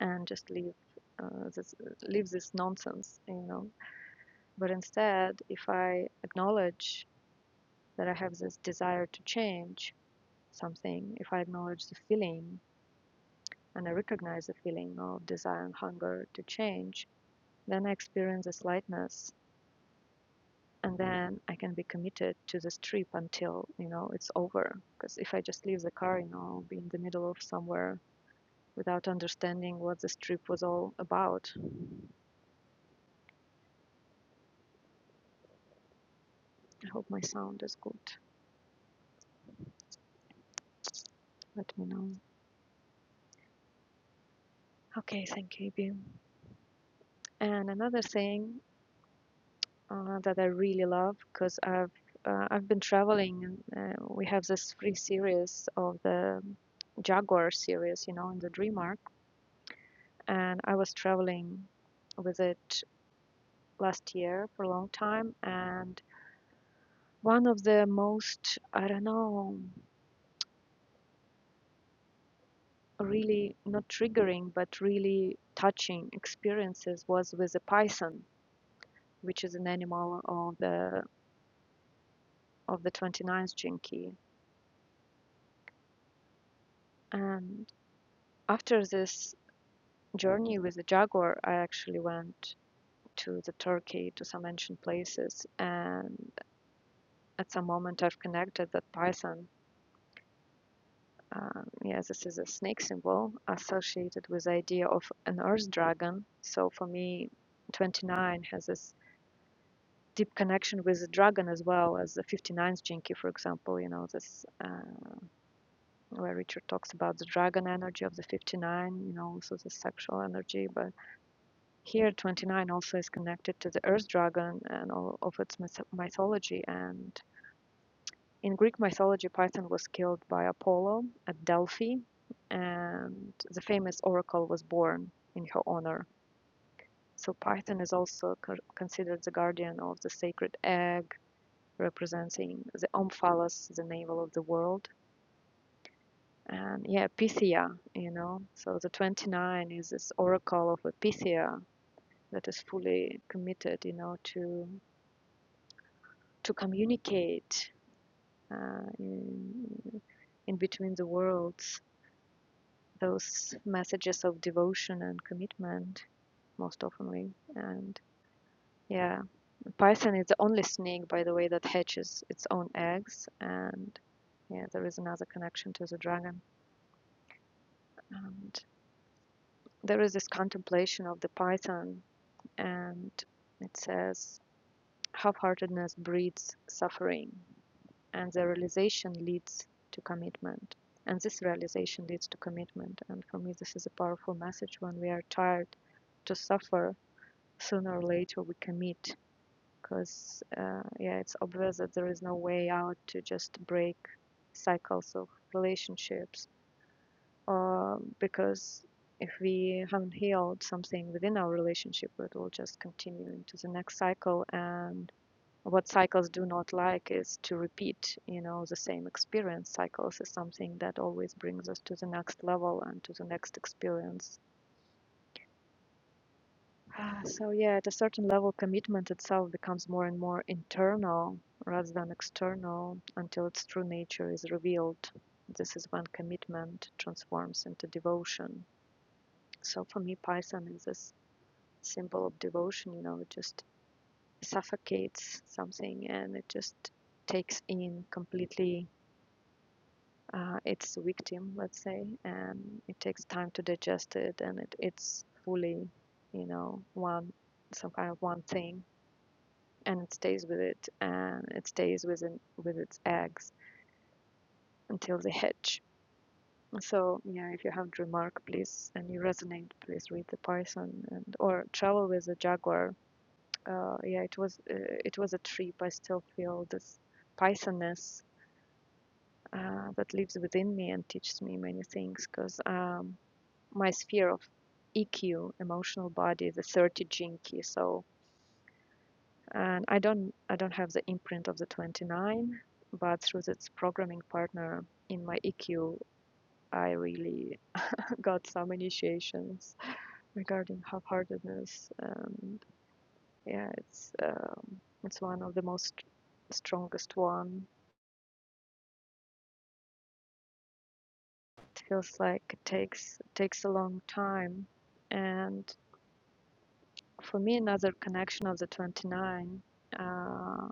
Speaker 2: and just leave uh, this leave this nonsense you know but instead if I acknowledge that I have this desire to change something if I acknowledge the feeling and I recognize the feeling of desire and hunger to change then I experience this lightness and then I can be committed to this trip until you know it's over. Because if I just leave the car, you know, I'll be in the middle of somewhere without understanding what this trip was all about. I hope my sound is good. Let me know. Okay, thank you, Ibi. And another thing uh, that I really love, because I've uh, I've been traveling, and uh, we have this free series of the Jaguar series, you know, in the Dream and I was traveling with it last year for a long time and one of the most i don't know really not triggering but really touching experiences was with a python which is an animal of the of the 29th jinki and after this journey with the jaguar i actually went to the turkey to some ancient places and at some moment i've connected that python Um, yeah, this is a snake symbol associated with the idea of an earth dragon. So for me, 29 has this deep connection with the dragon as well as the 59th jinky, for example. You know, this uh, where Richard talks about the dragon energy of the 59, you know, also the sexual energy. But here, 29 also is connected to the earth dragon and all of its myth- mythology and In Greek mythology, Python was killed by Apollo at Delphi, and the famous oracle was born in her honor. So Python is also co- considered the guardian of the sacred egg, representing the omphalos, the navel of the world. And yeah, Pythia, you know. So the 29 is this oracle of a Pythia that is fully committed, you know, to to communicate uh, in, in between the worlds those messages of devotion and commitment most often. And yeah, Python is the only snake, by the way, that hatches its own eggs. And yeah, there is another connection to the dragon. And there is this contemplation of the Python, and it says, half heartedness breeds suffering, and the realization leads to commitment. And this realization leads to commitment. And for me, this is a powerful message when we are tired to suffer sooner or later we commit because uh, yeah it's obvious that there is no way out to just break cycles of relationships uh, because if we haven't healed something within our relationship it will just continue into the next cycle and what cycles do not like is to repeat you know the same experience cycles is something that always brings us to the next level and to the next experience Ah, So yeah, at a certain level, commitment itself becomes more and more internal rather than external until its true nature is revealed. This is when commitment transforms into devotion. So for me, Python is this symbol of devotion, you know, it just suffocates something and it just takes in completely uh, its victim, let's say, and it takes time to digest it and it, it's fully, you know, one, some kind of one thing and it stays with it and it stays with it, with its eggs until they hatch. So yeah, if you have a remark, please and you resonate, please read the Python and or travel with the jaguar. Uh, yeah, it was uh, it was a trip. I still feel this Pythonness uh, that lives within me and teaches me many things because um, my sphere of EQ, emotional body, the 30 jinky. So and I don't I don't have the imprint of the 29, but through its programming partner in my EQ, I really got some initiations regarding half-heartedness, and yeah, it's um, it's one of the most strongest one. It feels like it takes it takes a long time, and for me, another connection of the 29 uh,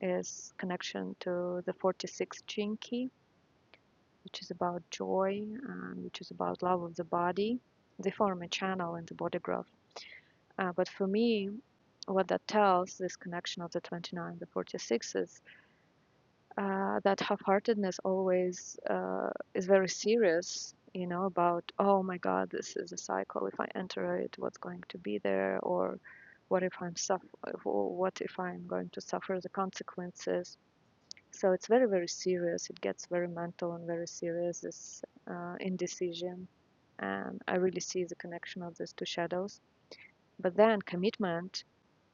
Speaker 2: is connection to the 46 Chinki which is about joy, uh, which is about love of the body. They form a channel in the body graph. Uh, but for me, what that tells this connection of the 29 the 46 is uh, that half-heartedness always uh, is very serious you know about oh my god this is a cycle if i enter it what's going to be there or what if i'm suff- what if i'm going to suffer the consequences so it's very, very serious. It gets very mental and very serious, this uh, indecision. And I really see the connection of this to shadows. But then commitment,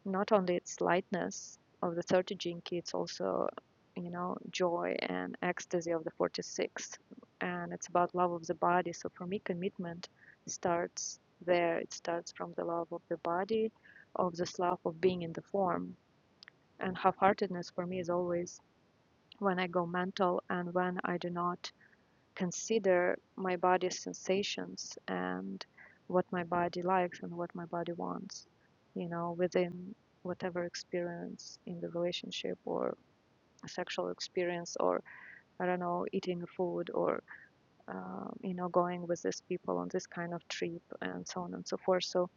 Speaker 2: not only its lightness of the 30 jinki, it's also, you know, joy and ecstasy of the 46. And it's about love of the body. So for me, commitment starts there. It starts from the love of the body, of this love of being in the form. And half-heartedness for me is always when I go mental and when I do not consider my body's sensations and what my body likes and what my body wants, you know, within whatever experience in the relationship or a sexual experience or I don't know, eating food or, uh, you know, going with these people on this kind of trip and so on and so forth. So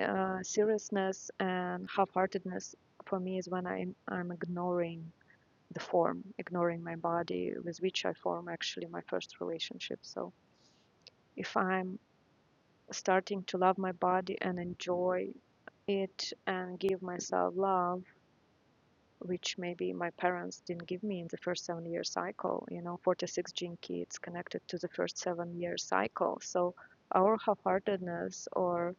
Speaker 2: uh, seriousness and half-heartedness for me is when I'm, I'm ignoring the form, ignoring my body, with which I form actually my first relationship. So if I'm starting to love my body and enjoy it and give myself love, which maybe my parents didn't give me in the first seven year cycle, you know, 46 gene key, it's connected to the first seven year cycle. So our half heartedness or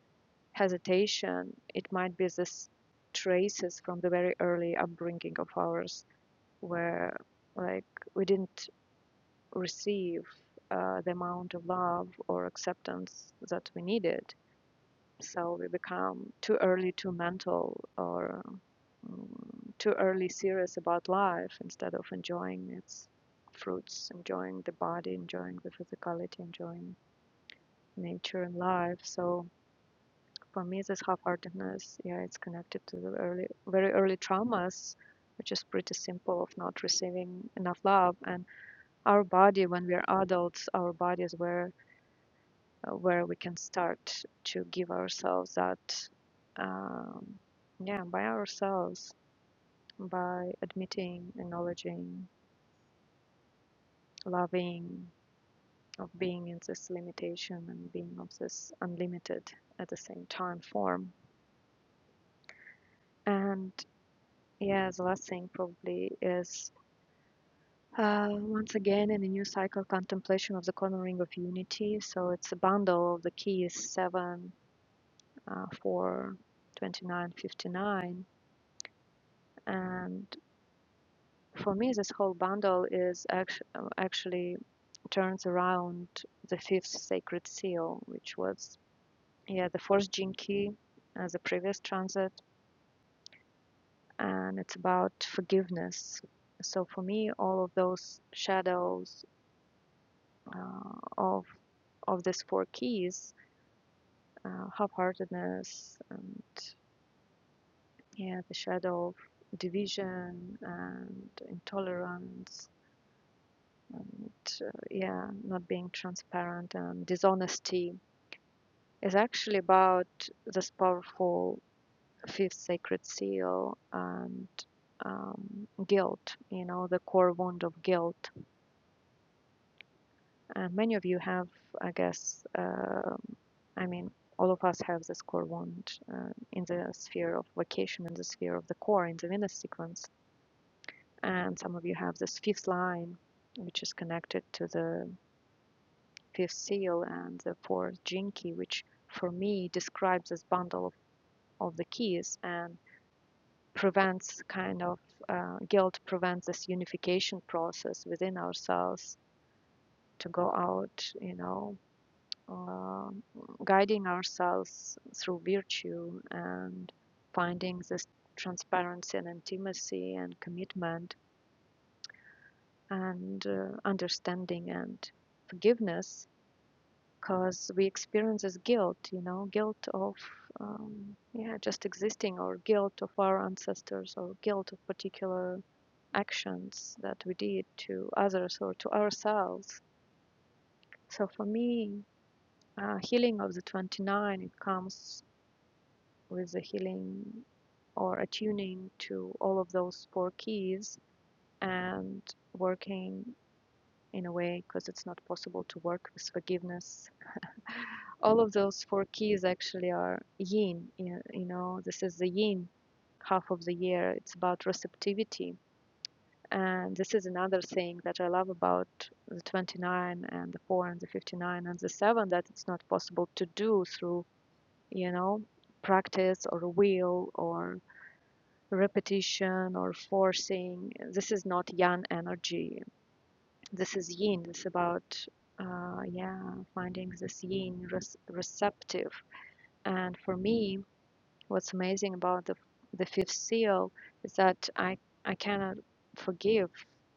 Speaker 2: hesitation, it might be this traces from the very early upbringing of ours where like we didn't receive uh, the amount of love or acceptance that we needed. So we become too early too mental or mm, too early serious about life instead of enjoying its fruits, enjoying the body, enjoying the physicality, enjoying nature and life. So for me, this half-heartedness, yeah, it's connected to the early, very early traumas, which is pretty simple of not receiving enough love. And our body, when we are adults, our bodies were uh, where we can start to give ourselves that um, yeah by ourselves by admitting acknowledging loving of being in this limitation and being of this unlimited at the same time form and yeah the last thing probably is uh, once again in a new cycle contemplation of the corner ring of unity so it's a bundle of the keys 7 uh, 4 twenty-nine, fifty-nine, and For me, this whole bundle is actu- uh, actually turns around the fifth sacred seal, which was yeah the fourth gene key as a previous transit, and it's about forgiveness. So for me, all of those shadows uh, of of these four keys, uh, half-heartedness, and yeah, the shadow of division and intolerance, and uh, yeah, not being transparent and dishonesty is actually about this powerful fifth sacred seal and um, guilt, you know, the core wound of guilt. And many of you have, I guess, uh, I mean, all of us have this core wound uh, in the sphere of vocation, in the sphere of the core, in the Venus sequence. And some of you have this fifth line, which is connected to the fifth seal and the fourth gene key, which for me describes this bundle of, of the keys. And prevents kind of uh, guilt prevents this unification process within ourselves to go out, you know, uh, guiding ourselves through virtue and finding this transparency and intimacy and commitment and uh, understanding and forgiveness because we experience this guilt, you know, guilt of um, yeah, just existing or guilt of our ancestors or guilt of particular actions that we did to others or to ourselves. So for me, uh, healing of the 29, it comes with the healing or attuning to all of those four keys and working in a way because it's not possible to work with forgiveness. All of those four keys actually are yin, you you know, this is the yin half of the year. It's about receptivity And this is another thing that I love about the 29 and the 4 and the 59 and the 7 that it's not possible to do through, you know, practice or will or repetition or forcing. This is not yang energy. This is yin. This is about, uh, yeah, finding this yin res- receptive. And for me, What's amazing about the the fifth seal is that I I cannot forgive,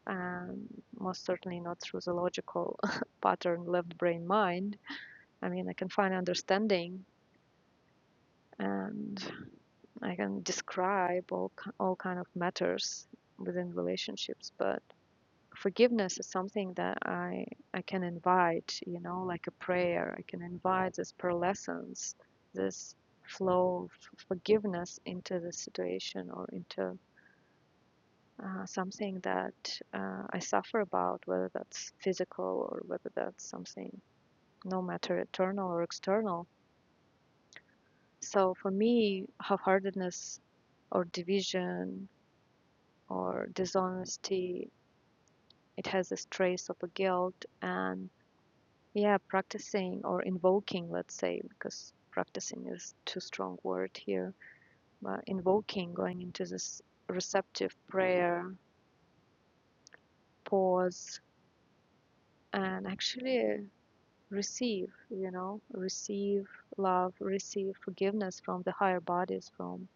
Speaker 2: um, most certainly not through the logical pattern left brain mind. I mean, I can find understanding and I can describe all all kind of matters within relationships, but forgiveness is something that I I can invite, you know, like a prayer. I can invite this pearlescence, this flow of forgiveness into the situation or into uh, something that uh, I suffer about, whether that's physical or whether that's something, no matter internal or external. So for me, half-heartedness or division or dishonesty, it has this trace of a guilt and Yeah, practicing or invoking, let's say, because practicing is too strong word here. But invoking, going into this receptive prayer, pause, and actually receive, you know, receive love, receive forgiveness from the higher bodies, from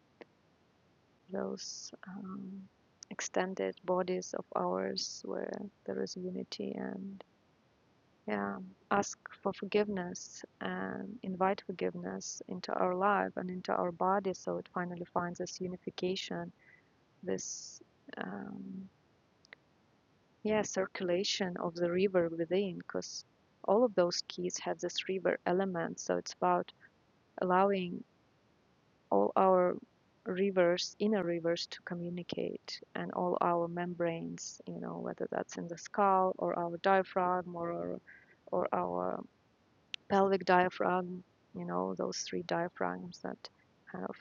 Speaker 2: those um, extended bodies of ours where there is unity and Yeah, ask for forgiveness and invite forgiveness into our life and into our body so it finally finds this unification, this um, yeah, circulation of the river within because all of those keys have this river element. So it's about allowing all our rivers, inner rivers to communicate and all our membranes, you know, whether that's in the skull or our diaphragm or our or our pelvic diaphragm, you know, those three diaphragms that kind of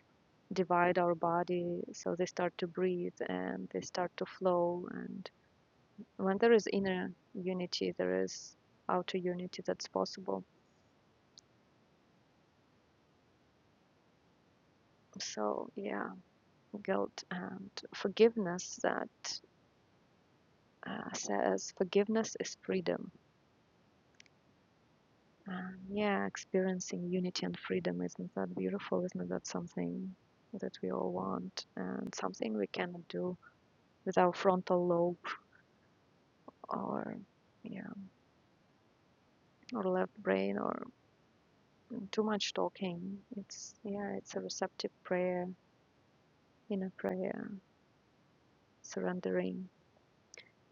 Speaker 2: divide our body. So they start to breathe and they start to flow. And when there is inner unity, there is outer unity that's possible. So, yeah, guilt and forgiveness that uh, says forgiveness is freedom. Um, yeah, experiencing unity and freedom isn't that beautiful? Isn't that something that we all want and something we cannot do with our frontal lobe or yeah or left brain or too much talking it's yeah it's a receptive prayer inner prayer surrendering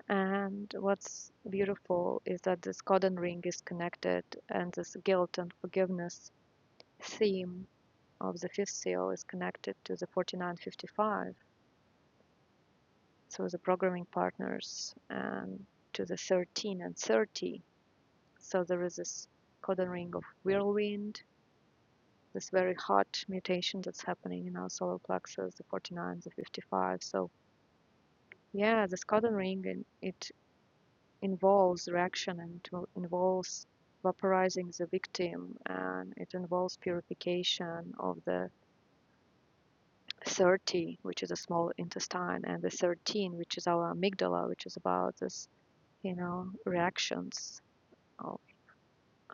Speaker 2: and what's beautiful is that this cordon ring is connected and this guilt and forgiveness theme of the fifth seal is connected to the 4955 so the programming partners and to the 13 and 30 so there is this cordon ring of whirlwind this very hot mutation that's happening in our solar plexus, the 49, the 55. So yeah, the Scoden ring, and it involves reaction and it involves vaporizing the victim and it involves purification of the 30 which is a small intestine and the 13 which is our amygdala which is about this you know reactions of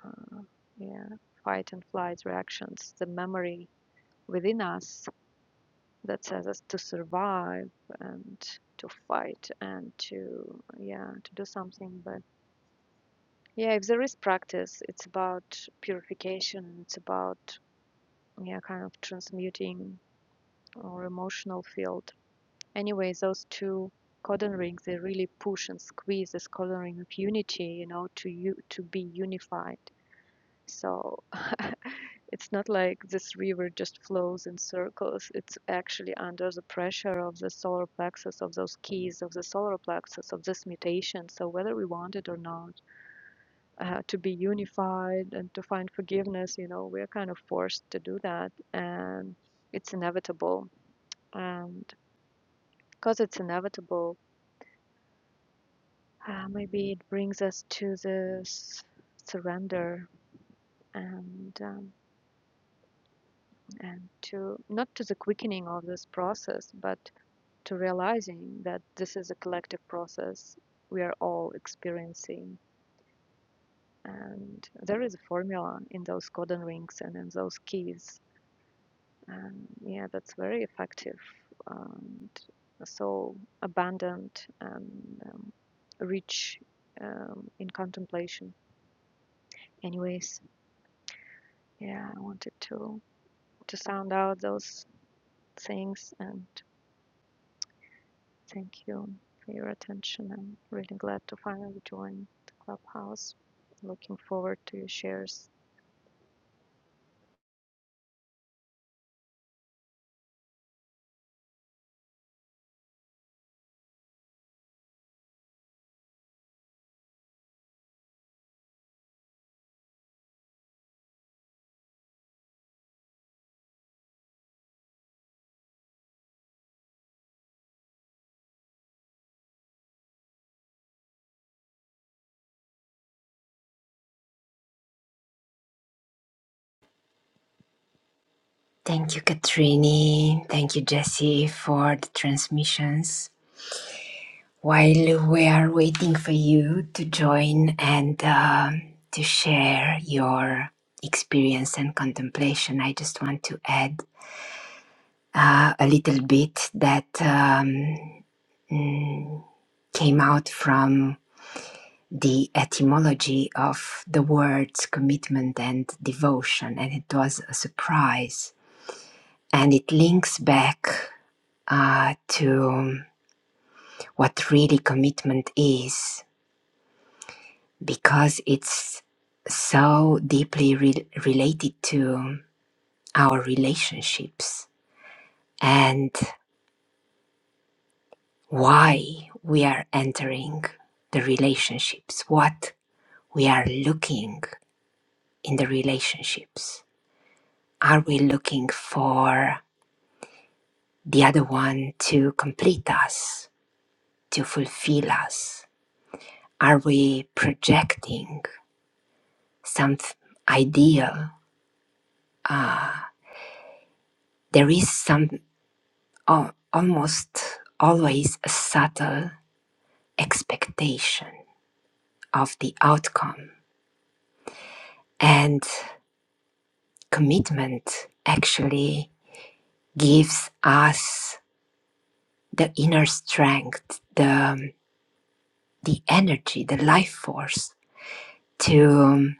Speaker 2: uh, yeah fight and flight reactions the memory within us that says us to survive and to fight and to yeah to do something but yeah if there is practice it's about purification it's about yeah kind of transmuting our emotional field anyway those two codon rings they really push and squeeze this codon ring of unity you know to you to be unified So it's not like this river just flows in circles. It's actually under the pressure of the solar plexus, of those keys, of the solar plexus, of this mutation. So whether we want it or not, uh, to be unified and to find forgiveness, you know, we're kind of forced to do that. And it's inevitable. And because it's inevitable, uh, maybe it brings us to this surrender and. Um, and to not to the quickening of this process, but to realizing that this is a collective process we are all experiencing. And there is a formula in those codon rings and in those keys. And yeah, that's very effective and so abundant and um, rich um, in contemplation. Anyways, yeah, I wanted to to sound out those things and Thank you for your attention. I'm really glad to finally join the clubhouse. Looking forward to your shares.
Speaker 3: Thank you, Katrini. Thank you, Jesse, for the transmissions. while we are waiting for you to join and um, to share your experience and contemplation, I just want to add uh, a little bit that um, mm, came out from the etymology of the words commitment and devotion, and it was a surprise. And it links back uh, to what really commitment is because it's so deeply re- related to our relationships and why we are entering the relationships, what we are looking in the relationships. Are we looking for the other one to complete us, to fulfill us? Are we projecting some ideal? Uh, there is some. al- almost always a subtle expectation of the outcome. And commitment actually gives us the inner strength, the, the energy, the life force to um,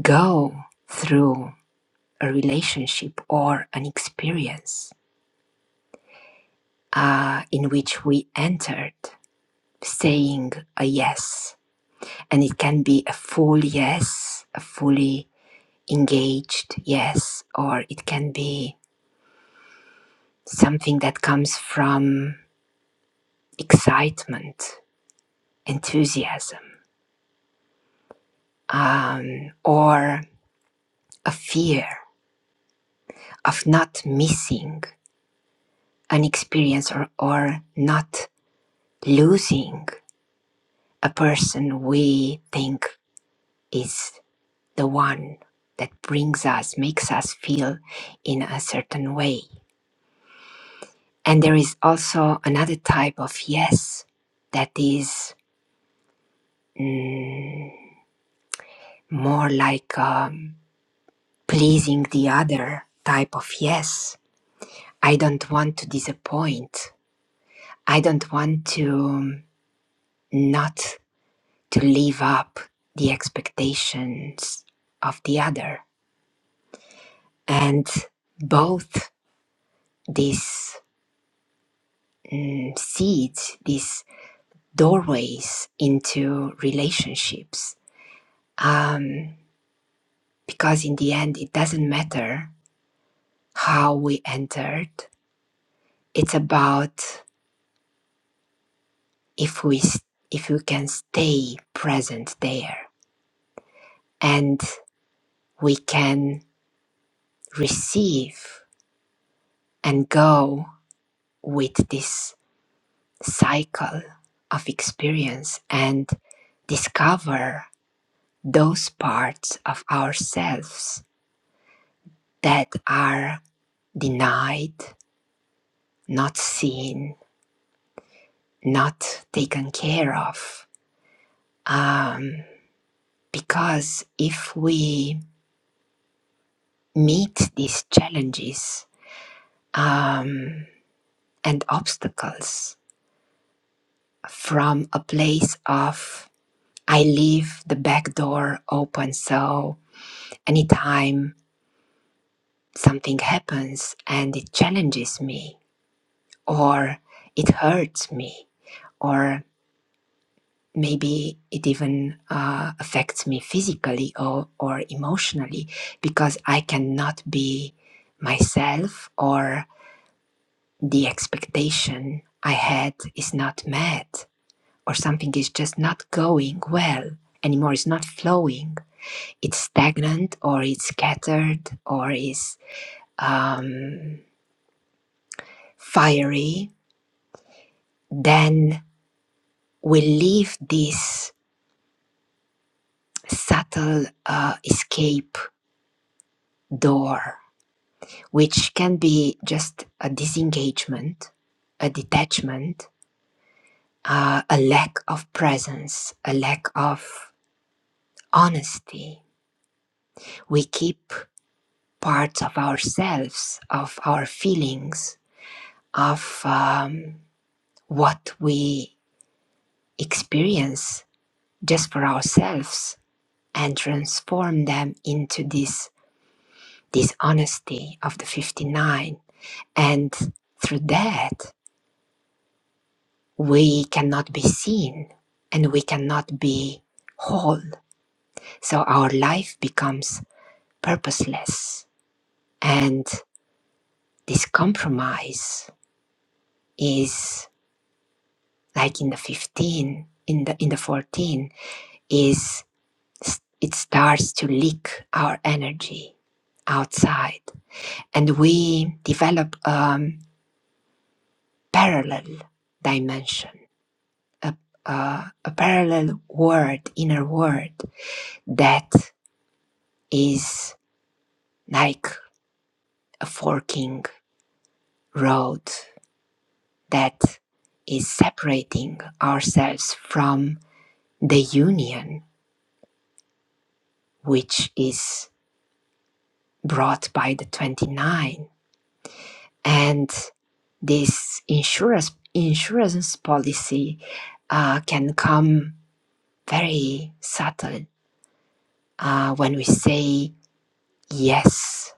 Speaker 3: go through a relationship or an experience uh, in which we entered saying a yes. And it can be a full yes, a fully engaged, yes, or it can be something that comes from excitement, enthusiasm, um, or a fear of not missing an experience or, or not losing a person we think is the one that brings us, makes us feel in a certain way. And there is also another type of yes that is. mm, more like um, pleasing the other type of yes. I don't want to disappoint. I don't want to um, not to live up the expectations of the other. And both these mm, seeds, these doorways into relationships, um, because in the end, it doesn't matter how we entered. It's about if we if we can stay present there and we can receive and go with this cycle of experience and discover those parts of ourselves that are denied not seen not taken care of um, because if we meet these challenges um, and obstacles from a place of I leave the back door open so anytime something happens and it challenges me or it hurts me or maybe it even uh, affects me physically or, or emotionally because I cannot be myself or the expectation I had is not met. or something is just not going well anymore it's not flowing it's stagnant or it's scattered or is um, fiery then we leave this subtle uh, escape door which can be just a disengagement a detachment uh, a lack of presence a lack of honesty we keep parts of ourselves, of our feelings, of um, what we experience just for ourselves and transform them into this this honesty of the 59 and through that we cannot be seen and we cannot be whole so our life becomes purposeless and this compromise is like in the 15 in the in the 14 is it starts to leak our energy outside and we develop a um, parallel dimension a, a, a parallel world inner world that is like a forking road that is separating ourselves from the union which is brought by the 29 and this insurance insurance policy uh, can come very subtle uh, when we say yes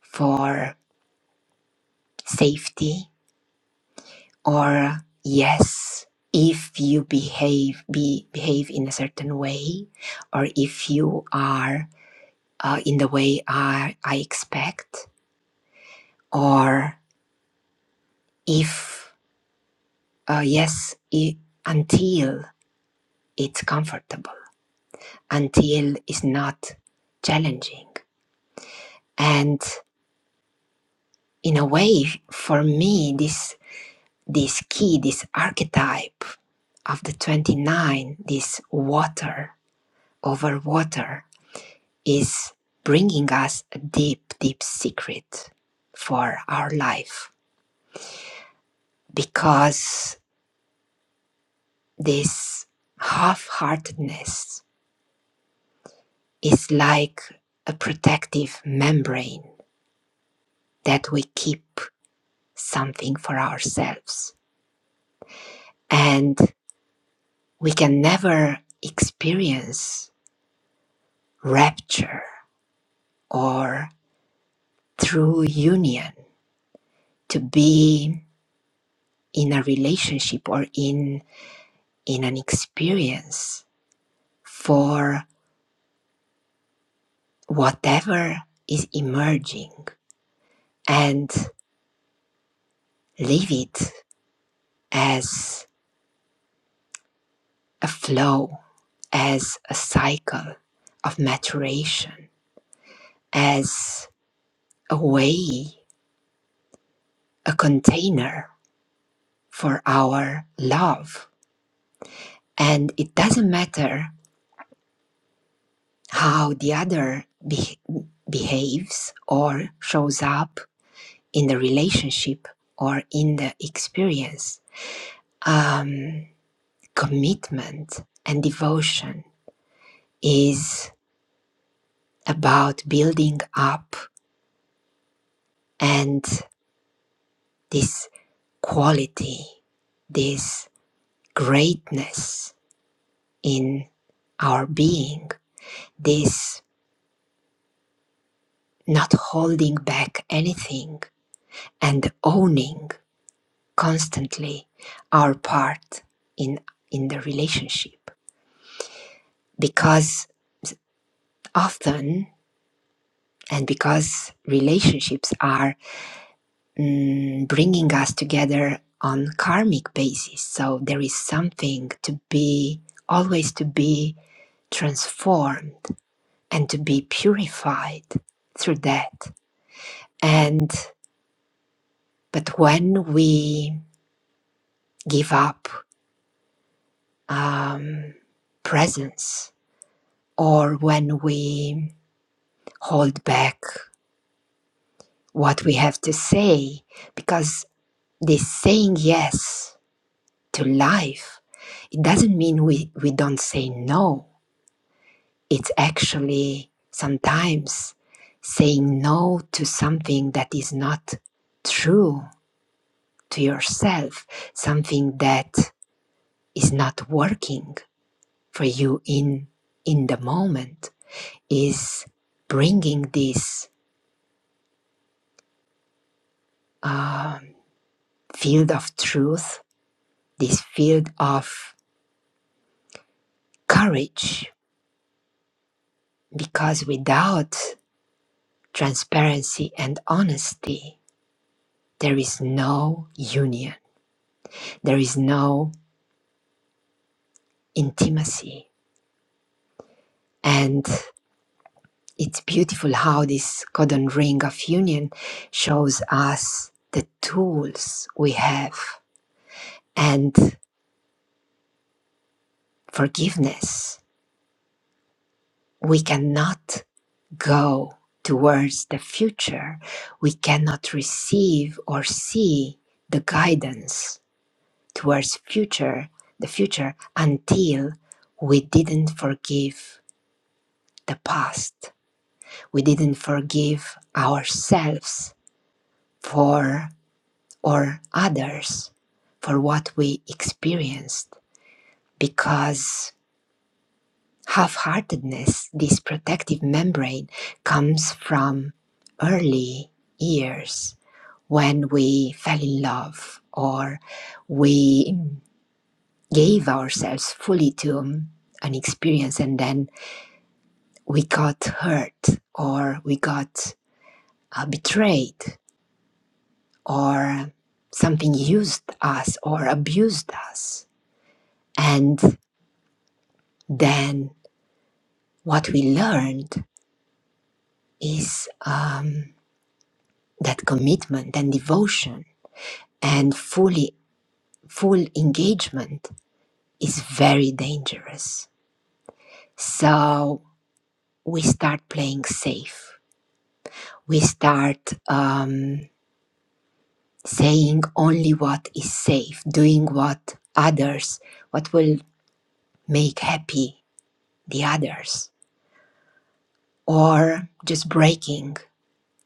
Speaker 3: for safety or yes if you behave be, behave in a certain way or if you are uh, in the way I, I expect or if uh, yes i- until it's comfortable until it's not challenging. And in a way, for me, this this key, this archetype of the 29, this water over water, is bringing us a deep, deep secret for our life because this half heartedness is like a protective membrane that we keep something for ourselves. And we can never experience rapture or true union to be in a relationship or in in an experience for whatever is emerging and leave it as a flow as a cycle of maturation as a way a container for our love And it doesn't matter how the other be- behaves or shows up in the relationship or in the experience. Um, commitment and devotion is about building up and this quality, this greatness in our being, this not holding back anything and owning constantly our part in in the relationship because often and because relationships are mm, bringing us together on karmic basis so there is something to be always to be transformed and to be purified through that and but when we give up um, presence or when we hold back what we have to say because this saying yes to life it doesn't mean we, we don't say no it's actually sometimes saying no to something that is not true to yourself something that is not working for you in in the moment is bringing this um, field of truth this field of courage because without transparency and honesty, there is no union, there is no intimacy. And it's beautiful how this golden ring of union shows us the tools we have and forgiveness. We cannot go towards the future. We cannot receive or see the guidance towards future the future until we didn't forgive the past we didn't forgive ourselves for or others for what we experienced because half-heartedness this protective membrane comes from early years when we fell in love or we gave ourselves fully to um, an experience and then we got hurt or we got uh, betrayed or something used us or abused us. And then what we learned is um, that commitment and devotion and fully full engagement is very dangerous. So we start playing safe. We start. um, saying only what is safe, doing what others, what will make happy the others, or just breaking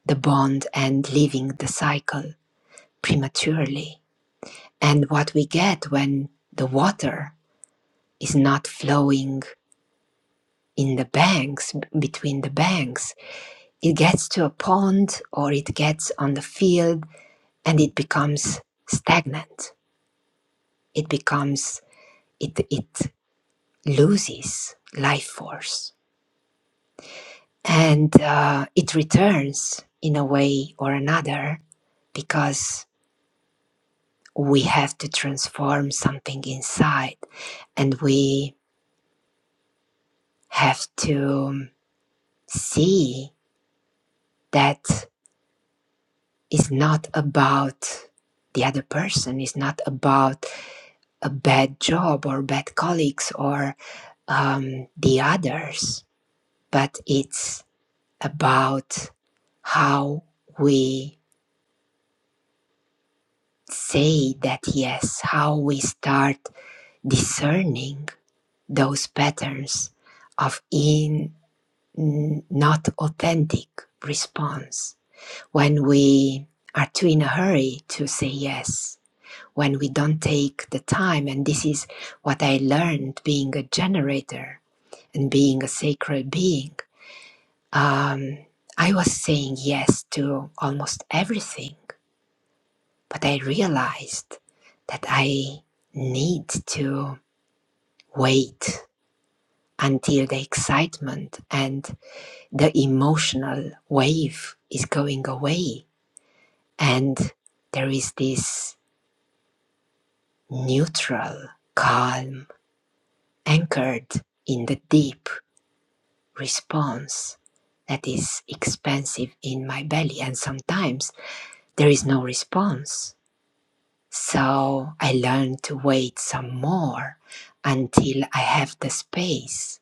Speaker 3: the bond and leaving the cycle prematurely. And what we get when the water is not flowing in the banks, b- between the banks, it gets to a pond or it gets on the field and it becomes stagnant. It becomes, it, it loses life force and uh, it returns in a way or another because we have to transform something inside and we have to um, see that it's not about the other person it's not about a bad job or bad colleagues or um, the others but it's about how we say that yes, how we start discerning those patterns of in not authentic response when we are too in a hurry to say yes when we don't take the time and this is what i learned being a generator and being a sacred being um, i was saying yes to almost everything But I realized that I need to wait until the excitement and the emotional wave is going away. And there is this neutral, calm, anchored in the deep response that is expansive in my belly. And sometimes there is no response So I learned to wait some more until I have the space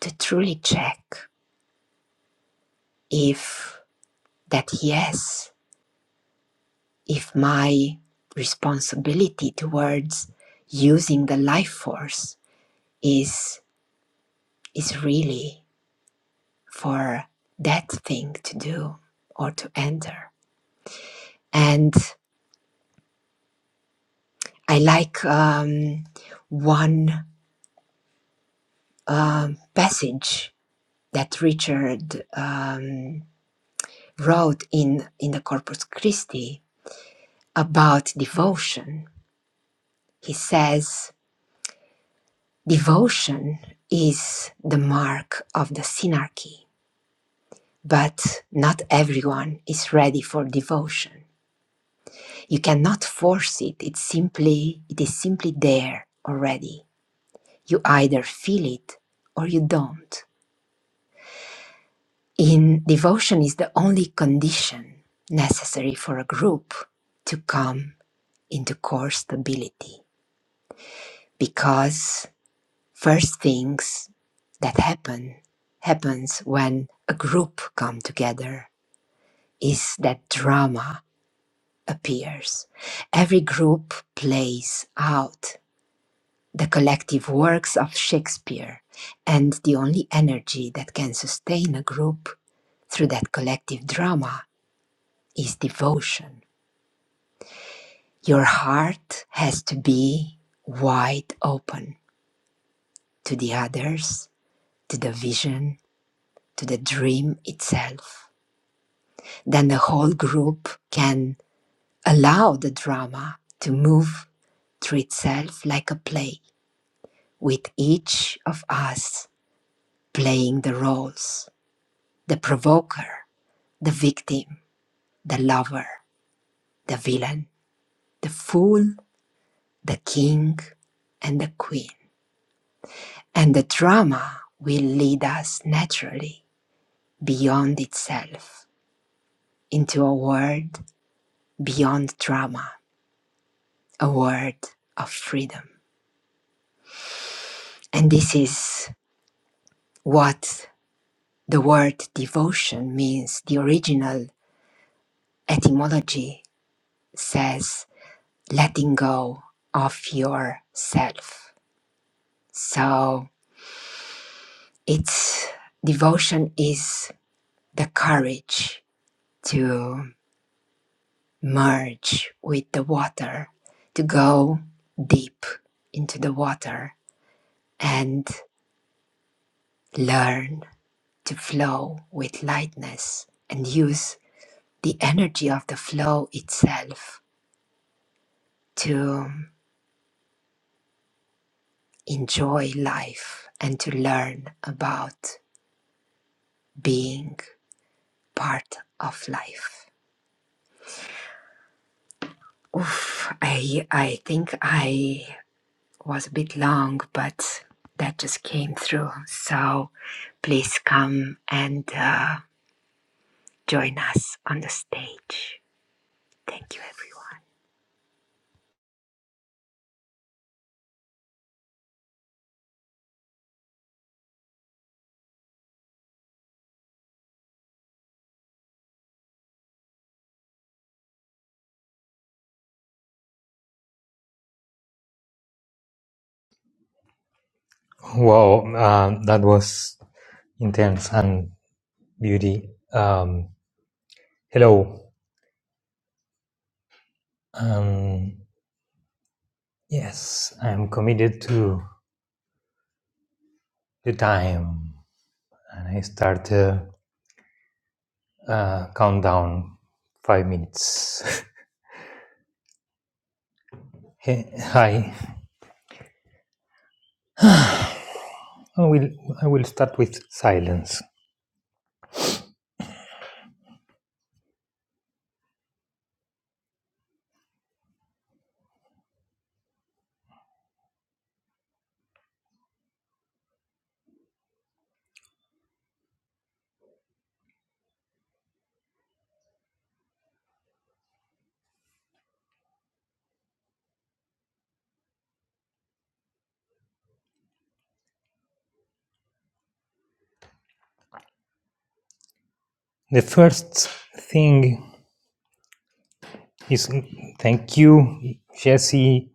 Speaker 3: to truly check if that yes, if my responsibility towards using the life force is is really for that thing to do or to enter. And I like um, one passage that Richard um, wrote in, in the Corpus Christi about devotion. He says, Devotion is the mark of the synarchy, but not everyone is ready for devotion. You cannot force it. It's simply, it is simply there already. You either feel it or you don't. In devotion is the only condition necessary for a group to come into core stability because First things that happen happens when a group come together is that drama appears. Every group plays out the collective works of Shakespeare and the only energy that can sustain a group through that collective drama is devotion. Your heart has to be wide open to the others, to the vision, to the dream itself. then the whole group can allow the drama to move through itself like a play, with each of us playing the roles the provoker, the victim, the lover, the villain, the fool, the king, and the queen. And the drama will lead us naturally beyond itself into a world beyond drama, a world of freedom. And this is what the word devotion means. The original etymology says letting go of yourself. So it's devotion is the courage to merge with the water, to go deep into the water and learn to flow with lightness and use the energy of the flow itself to enjoy life and to learn about being part of life. Oof, I I think I was a bit long, but that just came through. So please come and uh, join us on the stage. Thank you, everyone.
Speaker 4: Wow, uh, that was intense and beauty. Um, hello. Um, yes, I'm committed to the time, and I start a uh, countdown. Five minutes. Hey, Hi. I will. I will start with silence. The first thing is thank you, Jesse,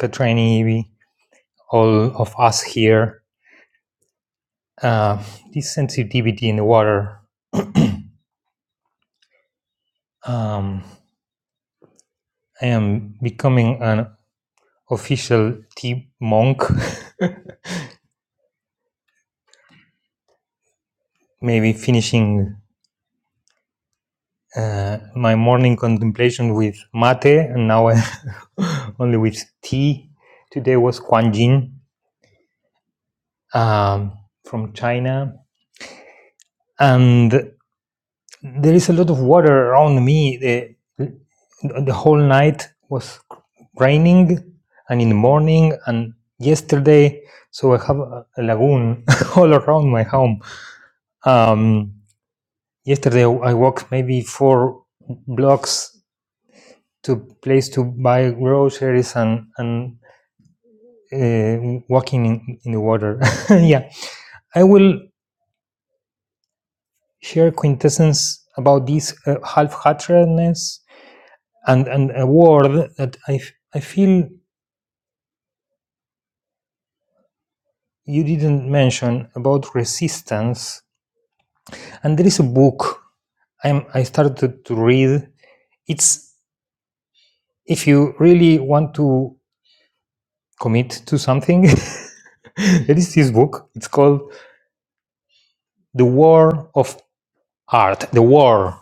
Speaker 4: Katrini, all of us here. Uh, this sensitivity in the water Um, I am becoming an official tea monk, maybe finishing uh, my morning contemplation with mate, and now I only with tea. Today was Quanjin um, from China, and there is a lot of water around me. The, the whole night was raining, and in the morning, and yesterday, so I have a a lagoon all around my home Um, yesterday I walked maybe four blocks to place to buy groceries and and uh, walking in, in the water. yeah, I will share quintessence about this uh, half-heartedness and and a word that I f- I feel you didn't mention about resistance. And there is a book I'm, I started to read. It's if you really want to commit to something There is this book. It's called The War of Art. The War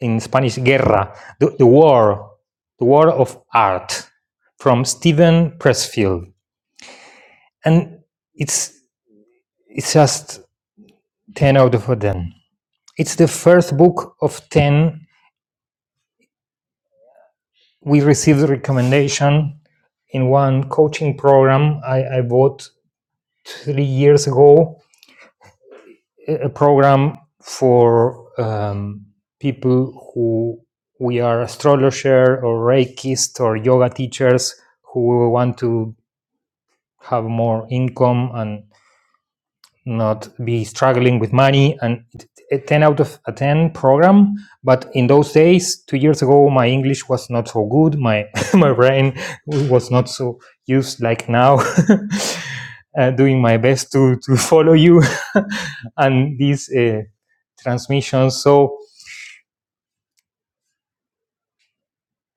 Speaker 4: in Spanish, Guerra. The, the War. The War of Art from Stephen Pressfield. And it's it's just 10 out of 10. It's the first book of 10 we received a recommendation in one coaching program I, I bought three years ago a program for um, people who we are astrologer or reikist or yoga teachers who want to have more income and not be struggling with money and a 10 out of a 10 program but in those days two years ago my english was not so good my my brain was not so used like now uh, doing my best to to follow you and these uh, transmissions so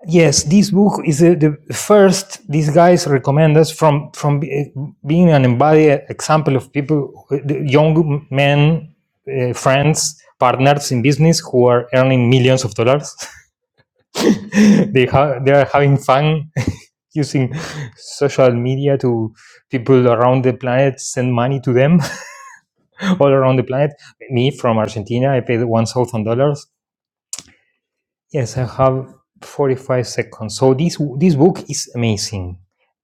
Speaker 4: Yes, this book is the, the first these guys recommend us from from be- being an embodied example of people, the young men, uh, friends, partners in business who are earning millions of dollars. they ha- they are having fun using social media to people around the planet send money to them all around the planet. Me from Argentina, I paid one thousand dollars Yes, I have 45 seconds. So this this book is amazing.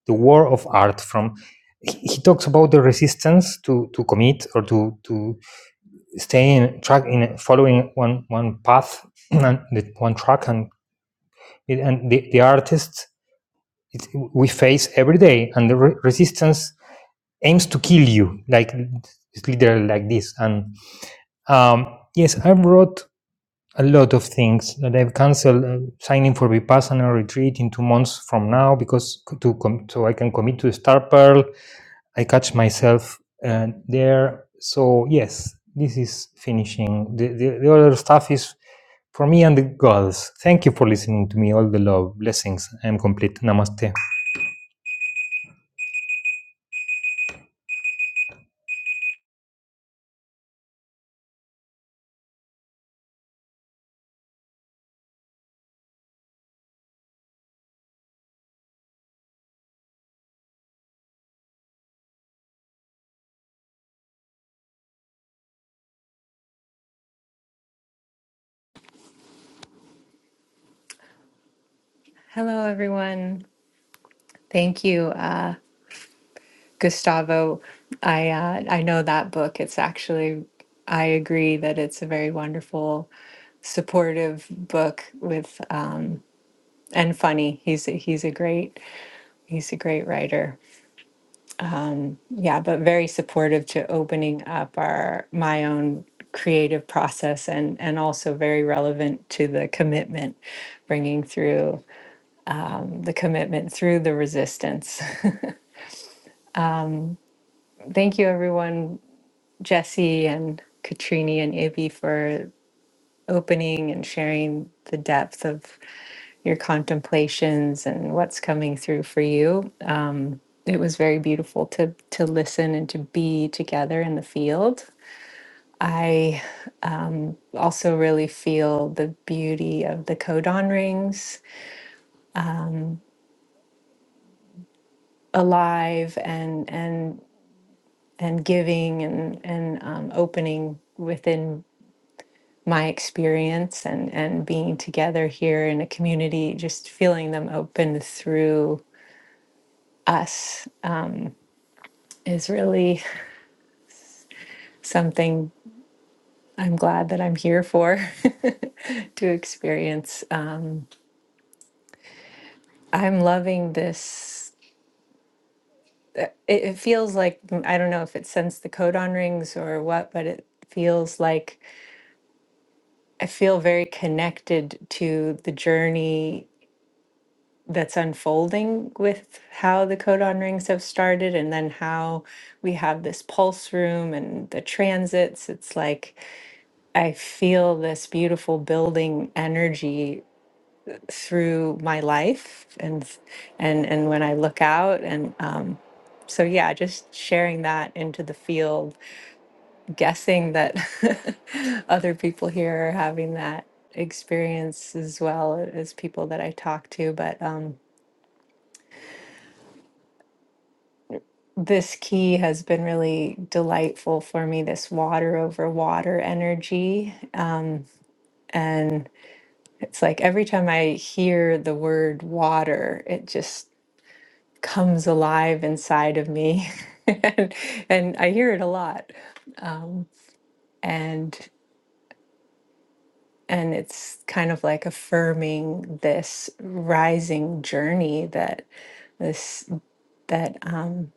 Speaker 4: The War of Art from he he talks about the resistance to, to commit or to, to stay in track in following one one path and the- one track and it- and the, the artists it, we face every day and the re- resistance aims to kill you like it's literally like this and um, yes I wrote a lot of things. They've canceled uh, signing for Vipassana retreat in two months from now because to com- so I can commit to Star Pearl. I catch myself uh, there. So yes, this is finishing. The, the, the other stuff is for me and the gods. Thank you for listening to me. All the love, blessings. I am complete. Namaste.
Speaker 5: Hello, everyone. Thank you, uh, Gustavo. I uh, I know that book. It's actually I agree that it's a very wonderful, supportive book with uh, and funny. He's a, he's a great he's a great writer. Yeah, but very supportive to opening up our my own creative process and and also very relevant to the commitment bringing through the commitment through the resistance. Thank you everyone Jesse and Katrini and Ibby for opening and sharing the depth of your contemplations and what's coming through for you. Um, it was very beautiful to to listen and to be together in the field. I also really feel the beauty of the codon rings alive and and and giving and and um, opening within my experience and and being together here in a community just feeling them open through us is really something i'm glad that i'm here for to experience um, i'm loving this it, it feels like i don't know if it's since the codon rings or what but it feels like i feel very connected to the journey that's unfolding with how the codon rings have started and then how we have this pulse room and the transits it's like i feel this beautiful building energy through my life and and and when i look out and um so yeah just sharing that into the field guessing that other people here are having that experience as well as people that i talk to but um this key has been really delightful for me this water over water energy and it's like every time i hear the word water it just comes alive inside of me and, and i hear it a lot um, and and it's kind of like affirming this rising journey that this that um,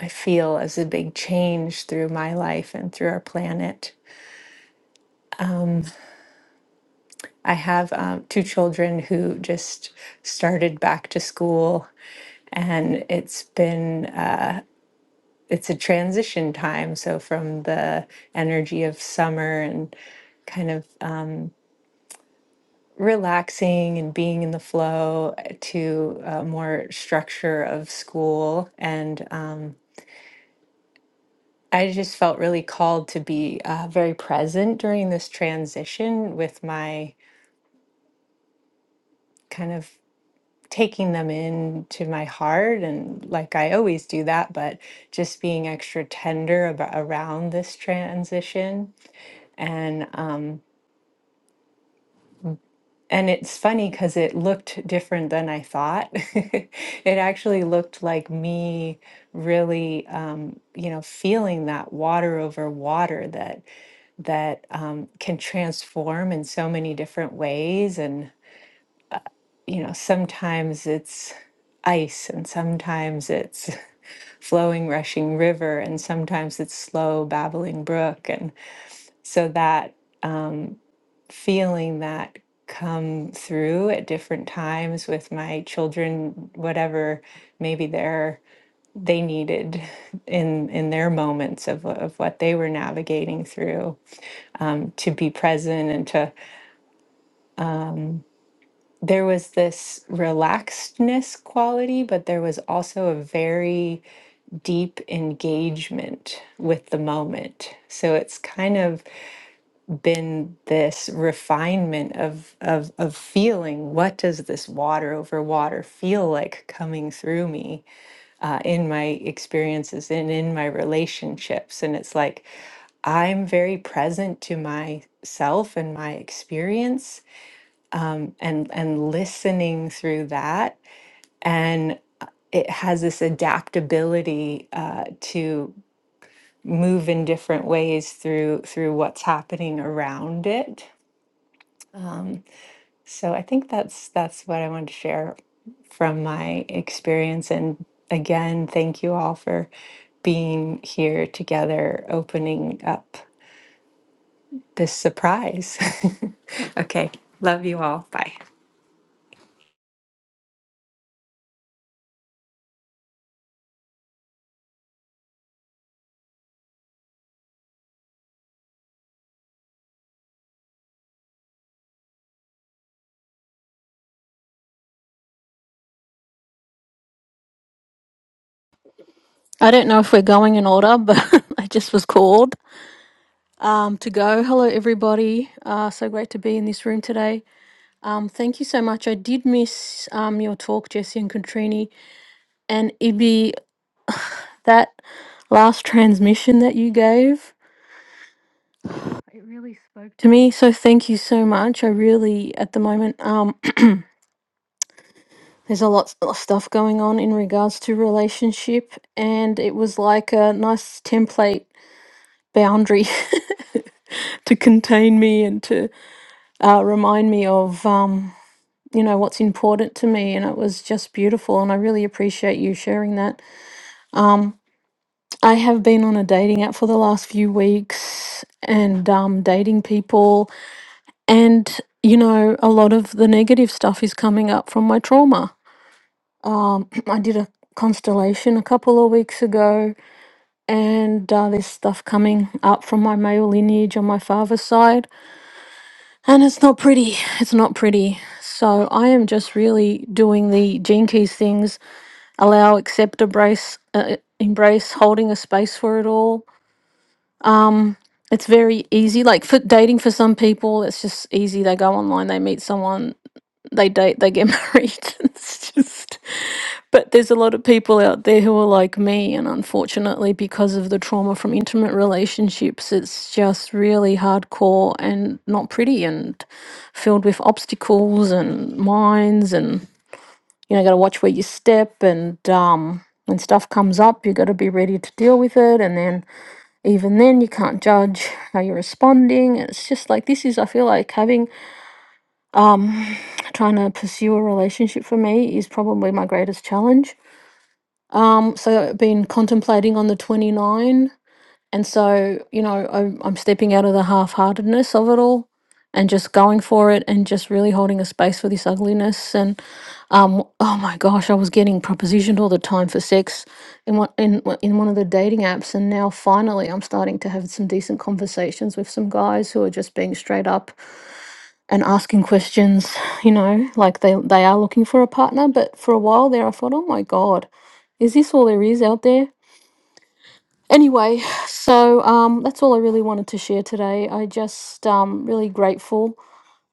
Speaker 5: i feel as a big change through my life and through our planet I have um, two children who just started back to school, and it's been uh, it's a transition time. So from the energy of summer and kind of uh, relaxing and being in the flow to uh, more structure of school and. Um, I just felt really called to be uh, very present during this transition with my kind of taking them into my heart and like I always do that, but just being extra tender about around this transition. And um and it's funny because it looked different than I thought. it actually looked like me really, um, you know, feeling that water over water that that um, can transform in so many different ways and. you know, sometimes it's ice and sometimes it's flowing, rushing river and sometimes it's slow, babbling brook. And so that feeling that come through at different times with my children whatever maybe they're they needed in in their moments of, of what they were navigating through um, to be present and to there was this relaxedness quality but there was also a very deep engagement with the moment. So it's kind of been this refinement of, of, of feeling what does this water over water feel like coming through me uh, in my experiences and in my relationships. And it's like, I'm very present to myself and my experience and and listening through that and uh, it has this adaptability uh, to move in different ways through through what's happening around it. So I think that's that's what I wanted to share from my experience and again thank you all for being here together opening up this surprise. okay, love you all. Bye.
Speaker 6: I don't know if we're going in order, but I just was called um, to go. Hello, everybody. Uh, so great to be in this room today. Um, thank you so much. I did miss um, your talk, Jesse and Contrini, and Ibi. That last transmission that you gave, it really spoke to me. So thank you so much. I really, at the moment, um, there's a lot of stuff going on in regards to relationship, and it was like a nice template boundary to contain me and to uh, remind me of um, you know what's important to me and it was just beautiful and i really appreciate you sharing that um, i have been on a dating app for the last few weeks and um, dating people and you know a lot of the negative stuff is coming up from my trauma um, i did a constellation a couple of weeks ago and uh, there's stuff coming up from my male lineage on my father's side And it's not pretty. It's not pretty. So I am just really doing the gene keys things, allow, accept, embrace, uh, embrace, holding a space for it all. Um, it's very easy. Like for dating for some people, it's just easy. They go online, they meet someone, they date, they get married. It's just, but there's a lot of people out there who are like me, and unfortunately, because of the trauma from intimate relationships, it's just really hardcore and not pretty and filled with obstacles and mines, and you know, got to watch where you step, and um, when stuff comes up, you got to be ready to deal with it, and then even then, you can't judge how you're responding. It's just like this is, I feel like having um, trying to pursue a relationship for me is probably my greatest challenge. Um, so I've been contemplating on the 29, and so, you know, I'm, I'm stepping out of the half heartedness of it all and just going for it and just really holding a space for this ugliness and um oh my gosh i was getting propositioned all the time for sex in one in, one- in one of the dating apps and now finally i'm starting to have some decent conversations with some guys who are just being straight up and asking questions, you know, like they they are looking for a partner, but for a while there I thought, "Oh my god, is this all there is out there?" Anyway, so um that's all I really wanted to share today. I just um really grateful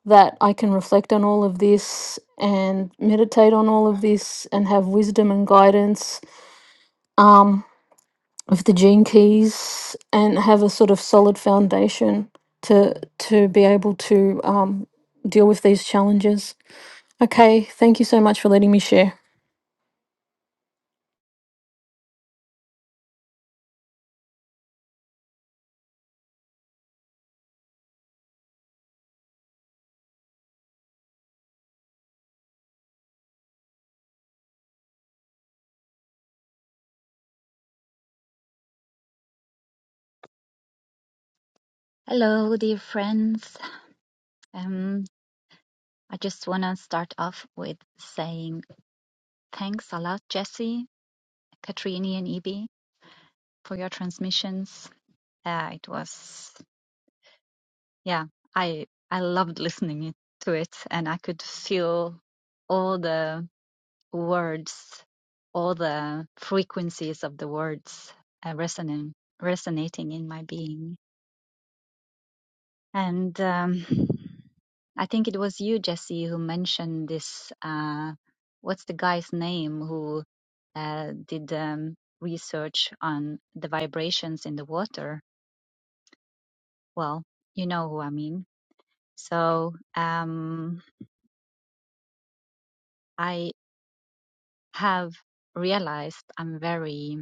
Speaker 6: that I can reflect on all of this and meditate on all of this and have wisdom and guidance um of the gene keys and have a sort of solid foundation to to be able to um deal with these challenges. Okay, thank you so much for letting me share.
Speaker 7: Hello, dear friends. Um, I just want to start off with saying thanks a lot, Jesse, Katrini, and Ibi for your transmissions. Uh, it was, yeah, I I loved listening it- to it, and I could feel all the words, all the frequencies of the words uh, resonating resonating in my being. And um, I think it was you, Jesse, who mentioned this. Uh, what's the guy's name who uh, did um, research on the vibrations in the water? Well, you know who I mean. So um, I have realized I'm very,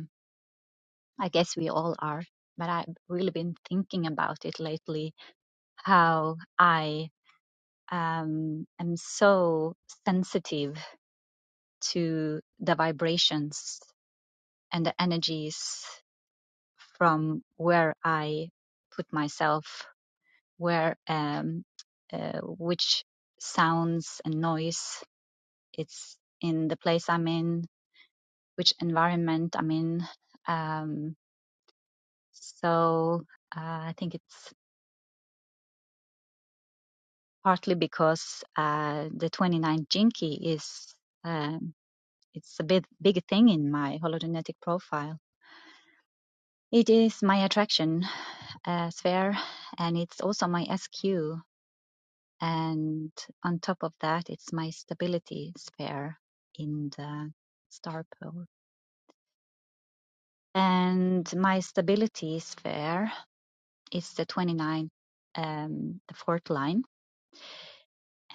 Speaker 7: I guess we all are, but I've really been thinking about it lately how I um, am so sensitive to the vibrations and the energies from where I put myself, where um, uh, which sounds and noise it's in the place I'm in, which environment I'm in. Um, so uh, I think it's partly because uh, the 29 Jinki is um, it's a big big thing in my hologenetic profile It is my attraction uh, sphere and it's also my SQ. And on top of that, it's my stability sphere in the star pole. And my stability sphere is the 29, um, the fourth line.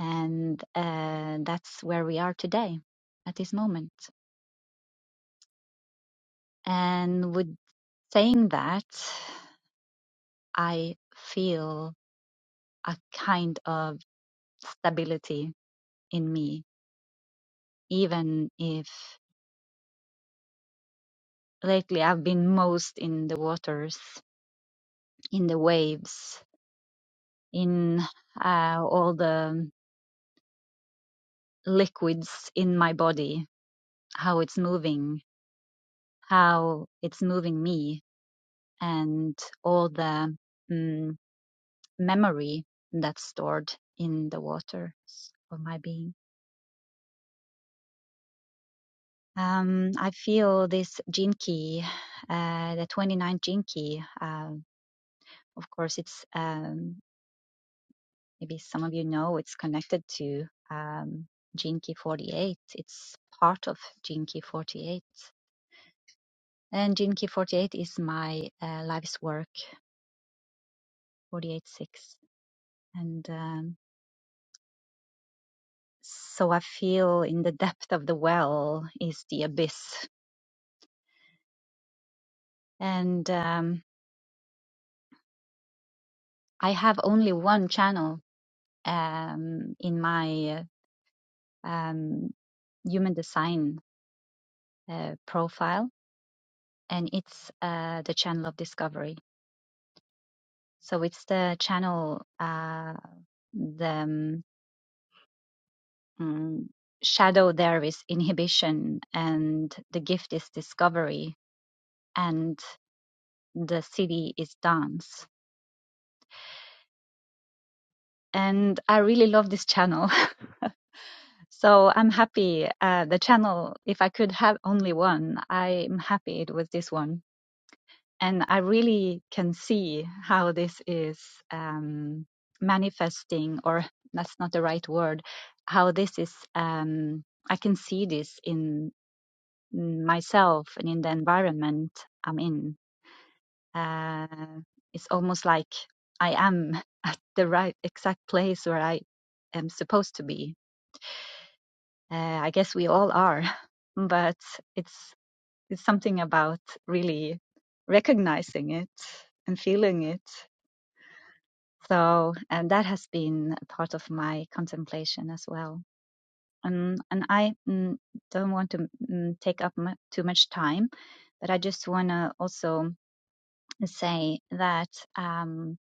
Speaker 7: And uh, that's where we are today at this moment. And with saying that, I feel a kind of stability in me even if lately I've been most in the waters, in the waves, in uh, all the liquids in my body, how it's moving, how it's moving me, and all the mm, memory that's stored in the water of my being. Um, I feel this jinki, uh, the 29 jinki. Uh, of course, it's um, Maybe some of you know it's connected to um, gene key 48. It's part of gene key 48. And gene key 48 is my uh, life's work, 48.6. And um, so I feel in the depth of the well is the abyss. And um, I have only one channel um, in my uh, um, human design uh, profile, and it's uh, the channel of discovery So it's the channel, uh, the um, shadow there is inhibition, and the gift is discovery, and the city is dance. And I really love this channel. so I'm happy. Uh, the channel, if I could have only one, I'm happy it was this one. and I really can see how this is um, manifesting, or that's not the right word, how this is, um, I can see this in myself and in the environment I'm in. Uh, it's almost like I am at the right exact place where I am supposed to be. Uh, I guess we all are, but it's it's something about really recognizing it and feeling it So, and that has been a part of my contemplation as well. And and I mm, don't want to mm, take up mu too much time, but I just want to also say that um,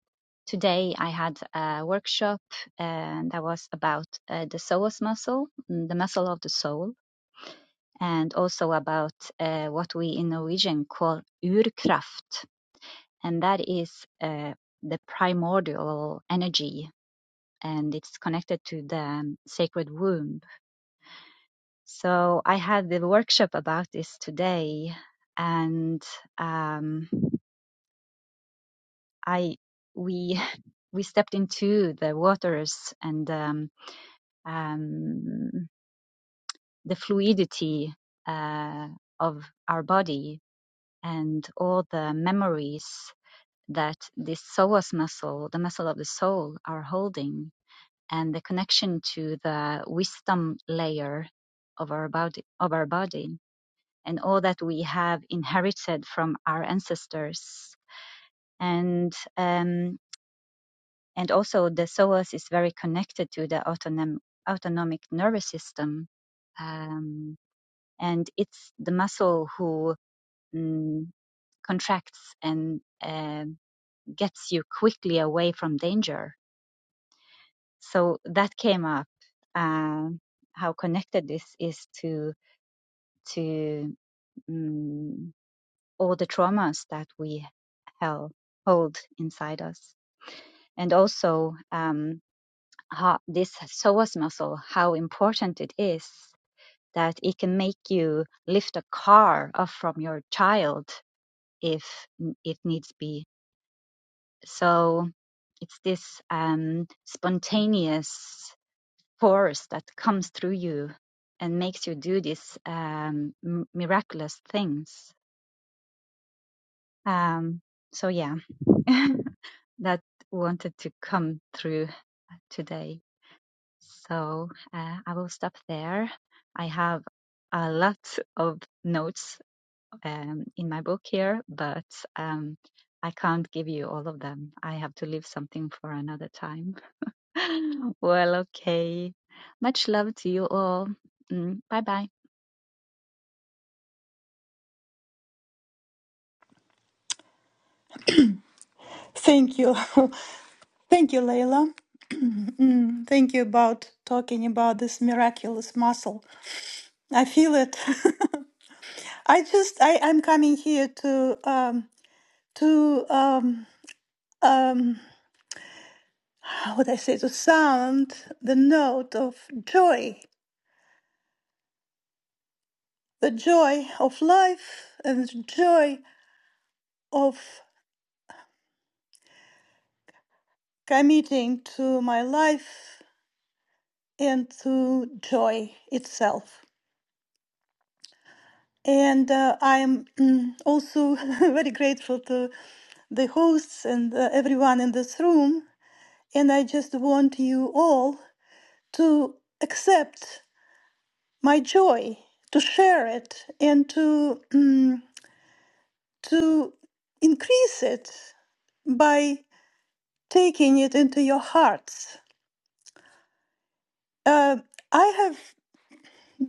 Speaker 7: today I had a workshop and that was about uh, the psoas muscle, mm, the muscle of the soul, and also about uh, what we in Norwegian call urkraft, and that is uh, the primordial energy and it's connected to the um, sacred womb. So I had the workshop about this today, and um, I we we stepped into the waters and um, um, the fluidity uh, of our body and all the memories that this psoas muscle, the muscle of the soul, are holding and the connection to the wisdom layer of our body of our body and all that we have inherited from our ancestors and um, and also the psoas is very connected to the autonom- autonomic nervous system um, and it's the muscle who mm, contracts and um gets you quickly away from danger so that came up uh, how connected this is to to um, all the traumas that we held, hold inside us and also um, how this psoas muscle how important it is that it can make you lift a car off from your child if it needs be so it's this um, spontaneous force that comes through you and makes you do these um, m- miraculous things. Um, so yeah, that wanted to come through today. So uh, I will stop there. I have a lot of notes um, in my book here, but um, I can't give you all of them. I have to leave something for another time. well, okay. Much love to you all. Mm, bye bye.
Speaker 8: Thank you. Thank you, Layla. Mm, thank you about talking about this miraculous muscle. I feel it. I just, I, I'm coming here to, um, to, um, um, how would I say, to sound the note of joy, the joy of life and the joy of committing to my life and to joy itself. And uh, I'm mm, also very grateful to. the hosts and uh, everyone in this room. And I just want you all to accept my joy, to share it, and to mm, to increase it by taking it into your hearts. Uh, I have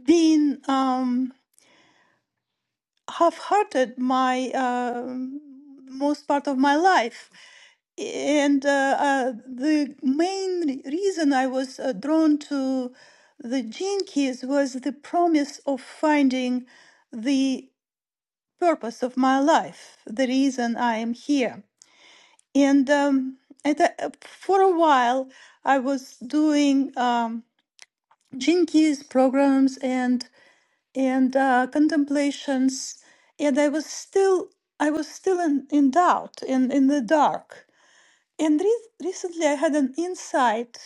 Speaker 8: been. Um, Half-hearted, my um most part of my life. And uh, uh, the main re- reason I was uh, drawn to the Gene Keys was the promise of finding the purpose of my life, the reason I am here. And um, at a, for a while, I was doing um, Gene Keys programs and and uh, contemplations and i was still i was still in, in doubt and in the dark and re- recently i had an insight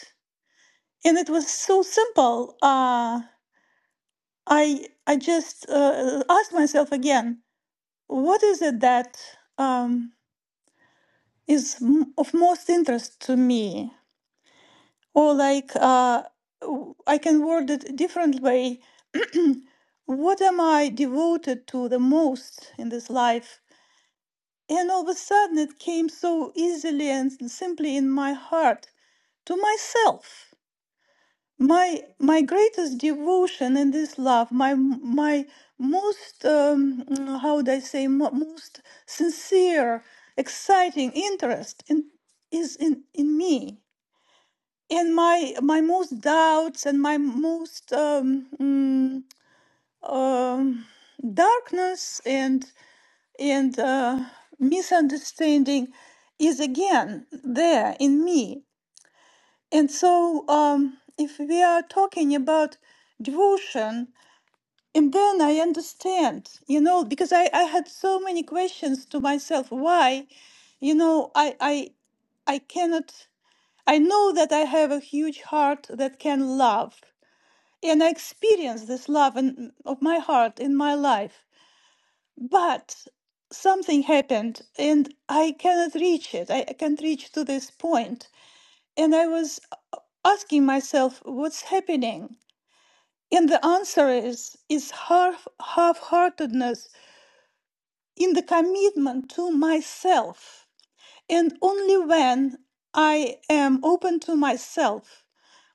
Speaker 8: and it was so simple uh, i i just uh, asked myself again what is it that um, is m- of most interest to me or like uh, w- i can word it differently what am i devoted to the most in this life And all of a sudden it came so easily and simply in my heart to myself. My my greatest devotion in this love, my my most um, mm, how would I say mo- most sincere, exciting interest in is in in me. And my my most doubts and my most um, mm, um, darkness and and uh, misunderstanding is again there in me. And so, um, if we are talking about devotion, and then I understand, you know, because I, I had so many questions to myself why, you know, I, I, I cannot, I know that I have a huge heart that can love. And I experience this love in, of my heart in my life but something happened and i cannot reach it i I can't reach to this point point. and i was asking myself what's happening and the answer is is half half-heartedness in the commitment to myself and only when i am open to myself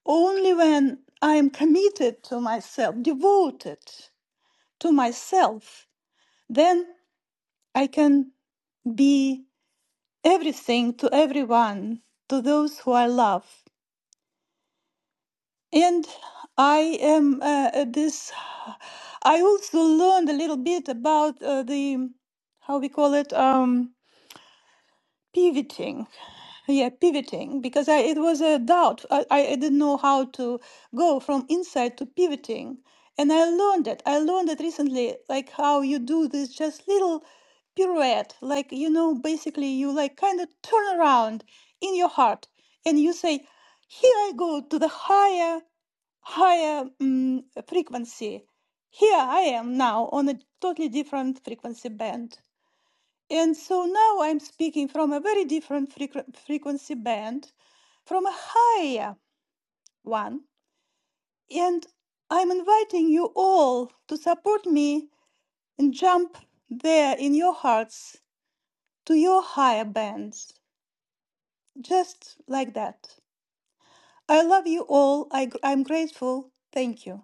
Speaker 8: only when i am committed to myself devoted to myself then i can be everything to everyone, to those who I love. And I am uh, uh, this. I also learned a little bit about uh, the how we call it. Um, pivoting yeah pivoting because I, it was a doubt I, I didn't know how to go from insight to pivoting and i learned it i learned it recently like how you do this just little pirouette like you know basically you like kind of turn around in your heart and you say here i go to the higher higher mm frequency here i am now on a totally different frequency band and so now I'm speaking from a very different frequ- frequency band, from a higher one. And I'm inviting you all to support me and jump there in your hearts to your higher bands, just like that. I love you all. I, I'm grateful. Thank you.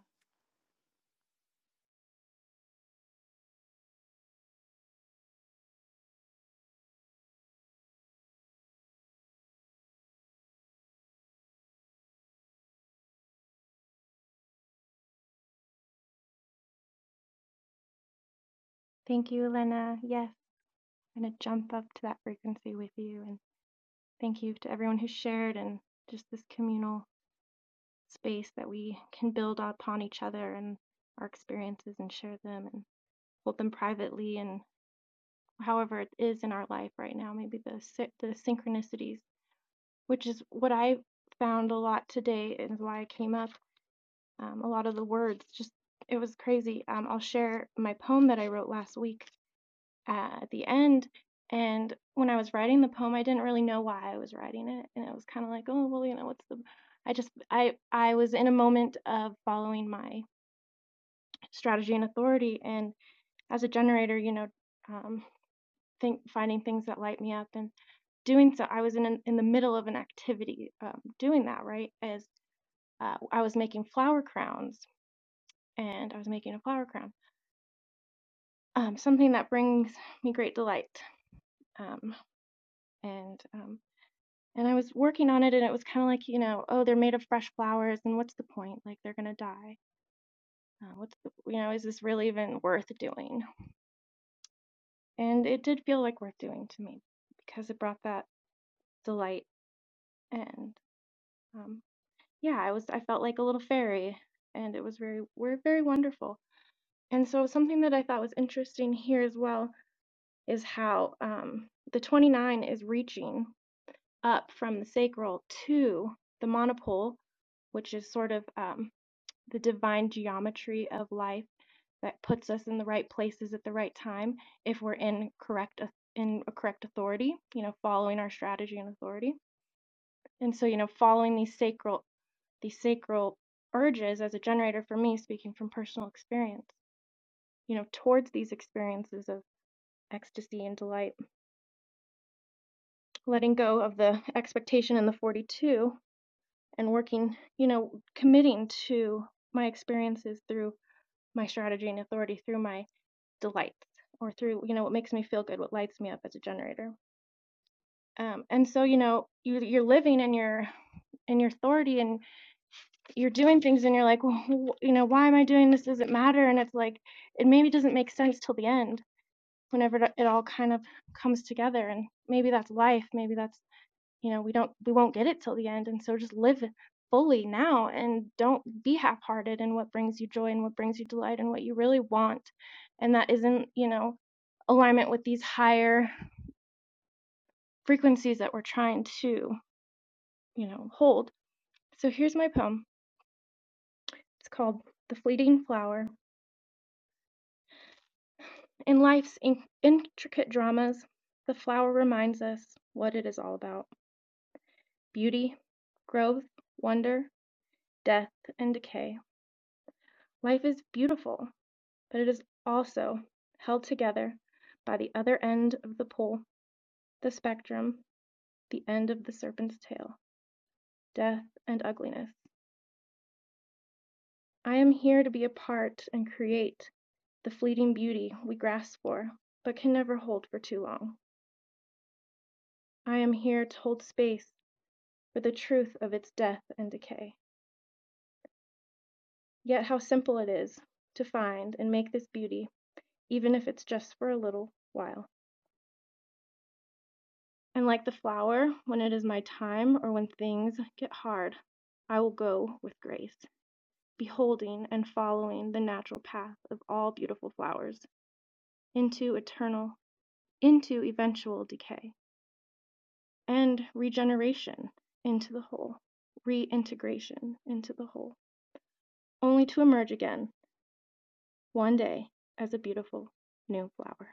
Speaker 9: Thank you, Elena. Yes, I'm going to jump up to that frequency with you. And thank you to everyone who shared and just this communal space that we can build upon each other and our experiences and share them and hold them privately and however it is in our life right now, maybe the, the synchronicities, which is what I found a lot today and why I came up. Um, a lot of the words, just it was crazy. Um, I'll share my poem that I wrote last week uh, at the end. And when I was writing the poem, I didn't really know why I was writing it, and it was kind of like, oh well, you know, what's the? I just I I was in a moment of following my strategy and authority, and as a generator, you know, um, think finding things that light me up and doing so. I was in an, in the middle of an activity um, doing that right as uh, I was making flower crowns, and I was making a flower crown, um, something that brings me great delight. Um, and um, And I was working on it, and it was kind of like, you know, oh, they're made of fresh flowers, and what's the point? Like, they're gonna die. Uh, what's the, you know, is this really even worth doing? And it did feel like worth doing to me because it brought that delight, and um, yeah, I was, I felt like a little fairy, and it was very, we're very wonderful. And so something that I thought was interesting here as well is how um, the 29 is reaching up from the sacral to the monopole, which is sort of um, the divine geometry of life that puts us in the right places at the right time if we're in correct in a correct authority, you know, following our strategy and authority. And so, you know, following these sacral these sacral urges as a generator for me speaking from personal experience, you know, towards these experiences of ecstasy and delight, letting go of the expectation in the 42 and working, you know, committing to my experiences through my strategy and authority through my the lights or through you know what makes me feel good what lights me up as a generator um, and so you know you, you're living in your in your authority and you're doing things and you're like well, you know why am i doing this does it matter and it's like it maybe doesn't make sense till the end whenever it all kind of comes together and maybe that's life maybe that's you know we don't we won't get it till the end and so just live fully now and don't be half-hearted in what brings you joy and what brings you delight and what you really want and that isn't you know alignment with these higher frequencies that we're trying to you know hold so here's my poem it's called the fleeting flower in life's in- intricate dramas the flower reminds us what it is all about beauty growth wonder death and decay life is beautiful but it is also held together by the other end of the pole, the spectrum, the end of the serpent's tail, death and ugliness. I am here to be a part and create the fleeting beauty we grasp for, but can never hold for too long. I am here to hold space for the truth of its death and decay. Yet how simple it is to find and make this beauty, even if it's just for a little while. And like the flower, when it is my time or when things get hard, I will go with grace, beholding and following the natural path of all beautiful flowers into eternal, into eventual decay and regeneration into the whole, reintegration into the whole, only to emerge again one day as a beautiful new flower.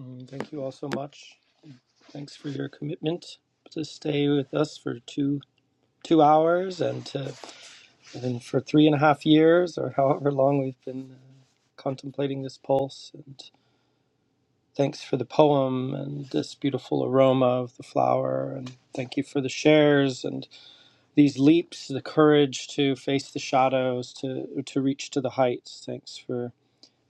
Speaker 1: Mm, thank you all so much. Thanks for your commitment to stay with us for two two hours and to and for three and a half years or however long we've been uh, contemplating this pulse Thanks for the poem and this beautiful aroma of the flower. And thank you for the shares and these leaps, the courage to face the shadows, to, to reach to the heights. Thanks for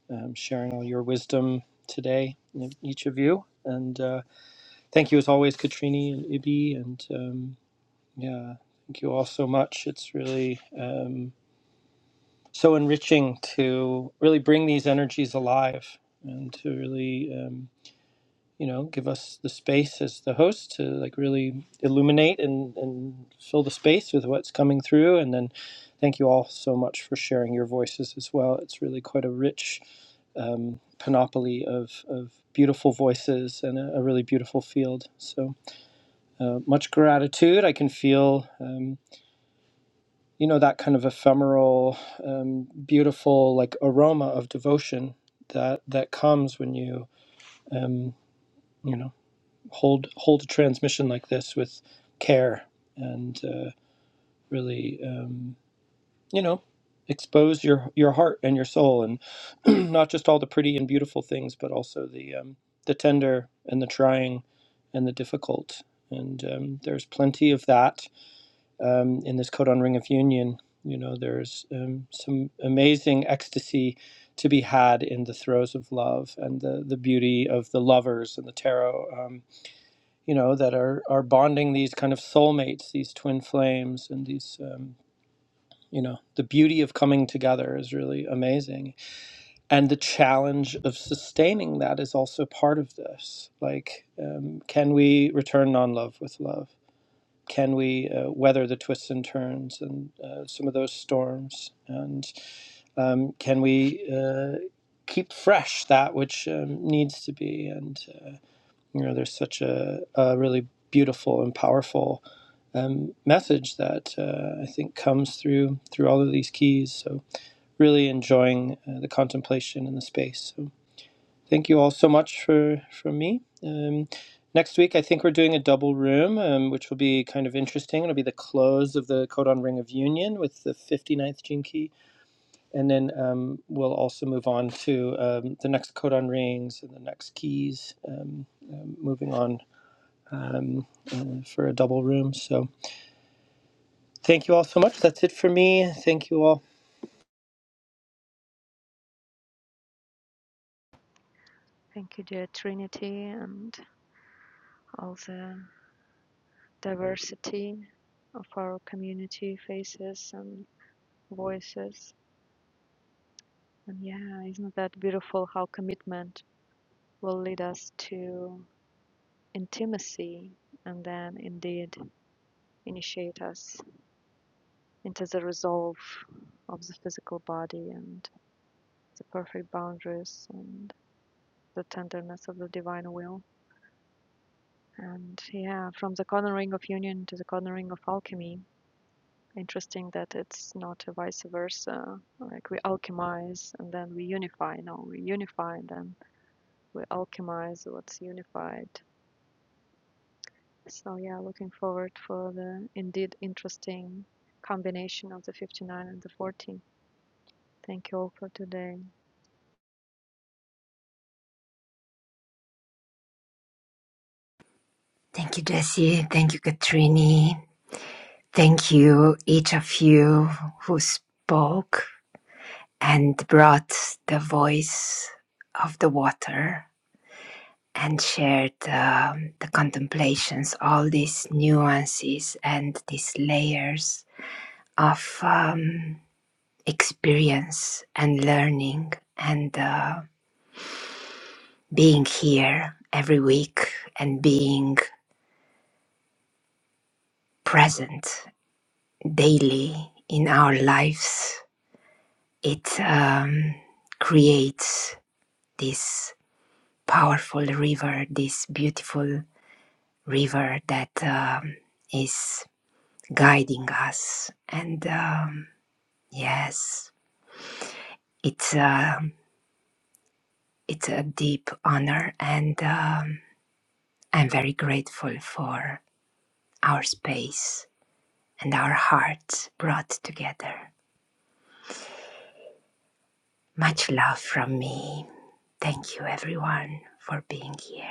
Speaker 1: um, sharing all your wisdom today, e-, each of you. And uh, thank you, as always, Katrini and Ibi. And um, yeah, thank you all so much. It's really um, so enriching to really bring these energies alive and to really. Um, you know give us the space as the host to like really illuminate and and fill the space with what's coming through and then thank you all so much for sharing your voices as well it's really quite a rich um, panoply of of beautiful voices and a, a really beautiful field so uh, much gratitude i can feel um, you know that kind of ephemeral um, beautiful like aroma of devotion that that comes when you um, you know hold hold a transmission like this with care and uh, really um, you know expose your your heart and your soul and not just all the pretty and beautiful things but also the um, the tender and the trying and the difficult and um, there's plenty of that um, in this codon ring of union you know there's um, some amazing ecstasy to be had in the throes of love and the, the beauty of the lovers and the tarot Um, you know that are are bonding these kind of soulmates these twin flames and these um, you know the beauty of coming together is really amazing and the challenge of sustaining that is also part of this like um, can we return non-love with love can we uh, weather the twists and turns and uh, some of those storms and um, can we uh, keep fresh that which um, needs to be and uh, you know, there's such a, a really beautiful and powerful um, message that uh, I think comes through through all of these keys. So really enjoying uh, the contemplation in the space. So thank you all so much for from me. Um, next week, I think we're doing a double room, um, which will be kind of interesting. It'll be the close of the Codon Ring of Union with the fifty ninth gene key, and then um, we'll also move on to um, the next Codon rings and the next keys. Um, um, moving on um, uh, for a double room. So thank you all so much. That's it for me. Thank you all.
Speaker 2: Thank you, dear Trinity, and all the diversity of our community faces and voices. And yeah, isn't that beautiful how commitment will lead us to intimacy and then indeed initiate us into the resolve of the physical body and the perfect boundaries and. the tenderness of the divine will. And yeah, from the cornering of union to the cornering of alchemy, interesting that it's not a vice versa. Like we alchemize and then we unify. No, we unify and then we alchemize what's unified. So yeah, looking forward for the indeed interesting combination of the 59 and the 40. Thank you all for today.
Speaker 3: Thank you, Jessie. Thank you, Katrini. Thank you, each of you who spoke and brought the voice of the water and shared um, the contemplations, all these nuances and these layers of um, experience and learning and uh, being here every week and being present daily in our lives. It um, creates this powerful river, this beautiful river that um, is guiding us. And um, yes, it's a, it's a deep honor, and um, I'm very grateful for our space and our hearts brought together. Much love from me. Thank you, everyone, for being here.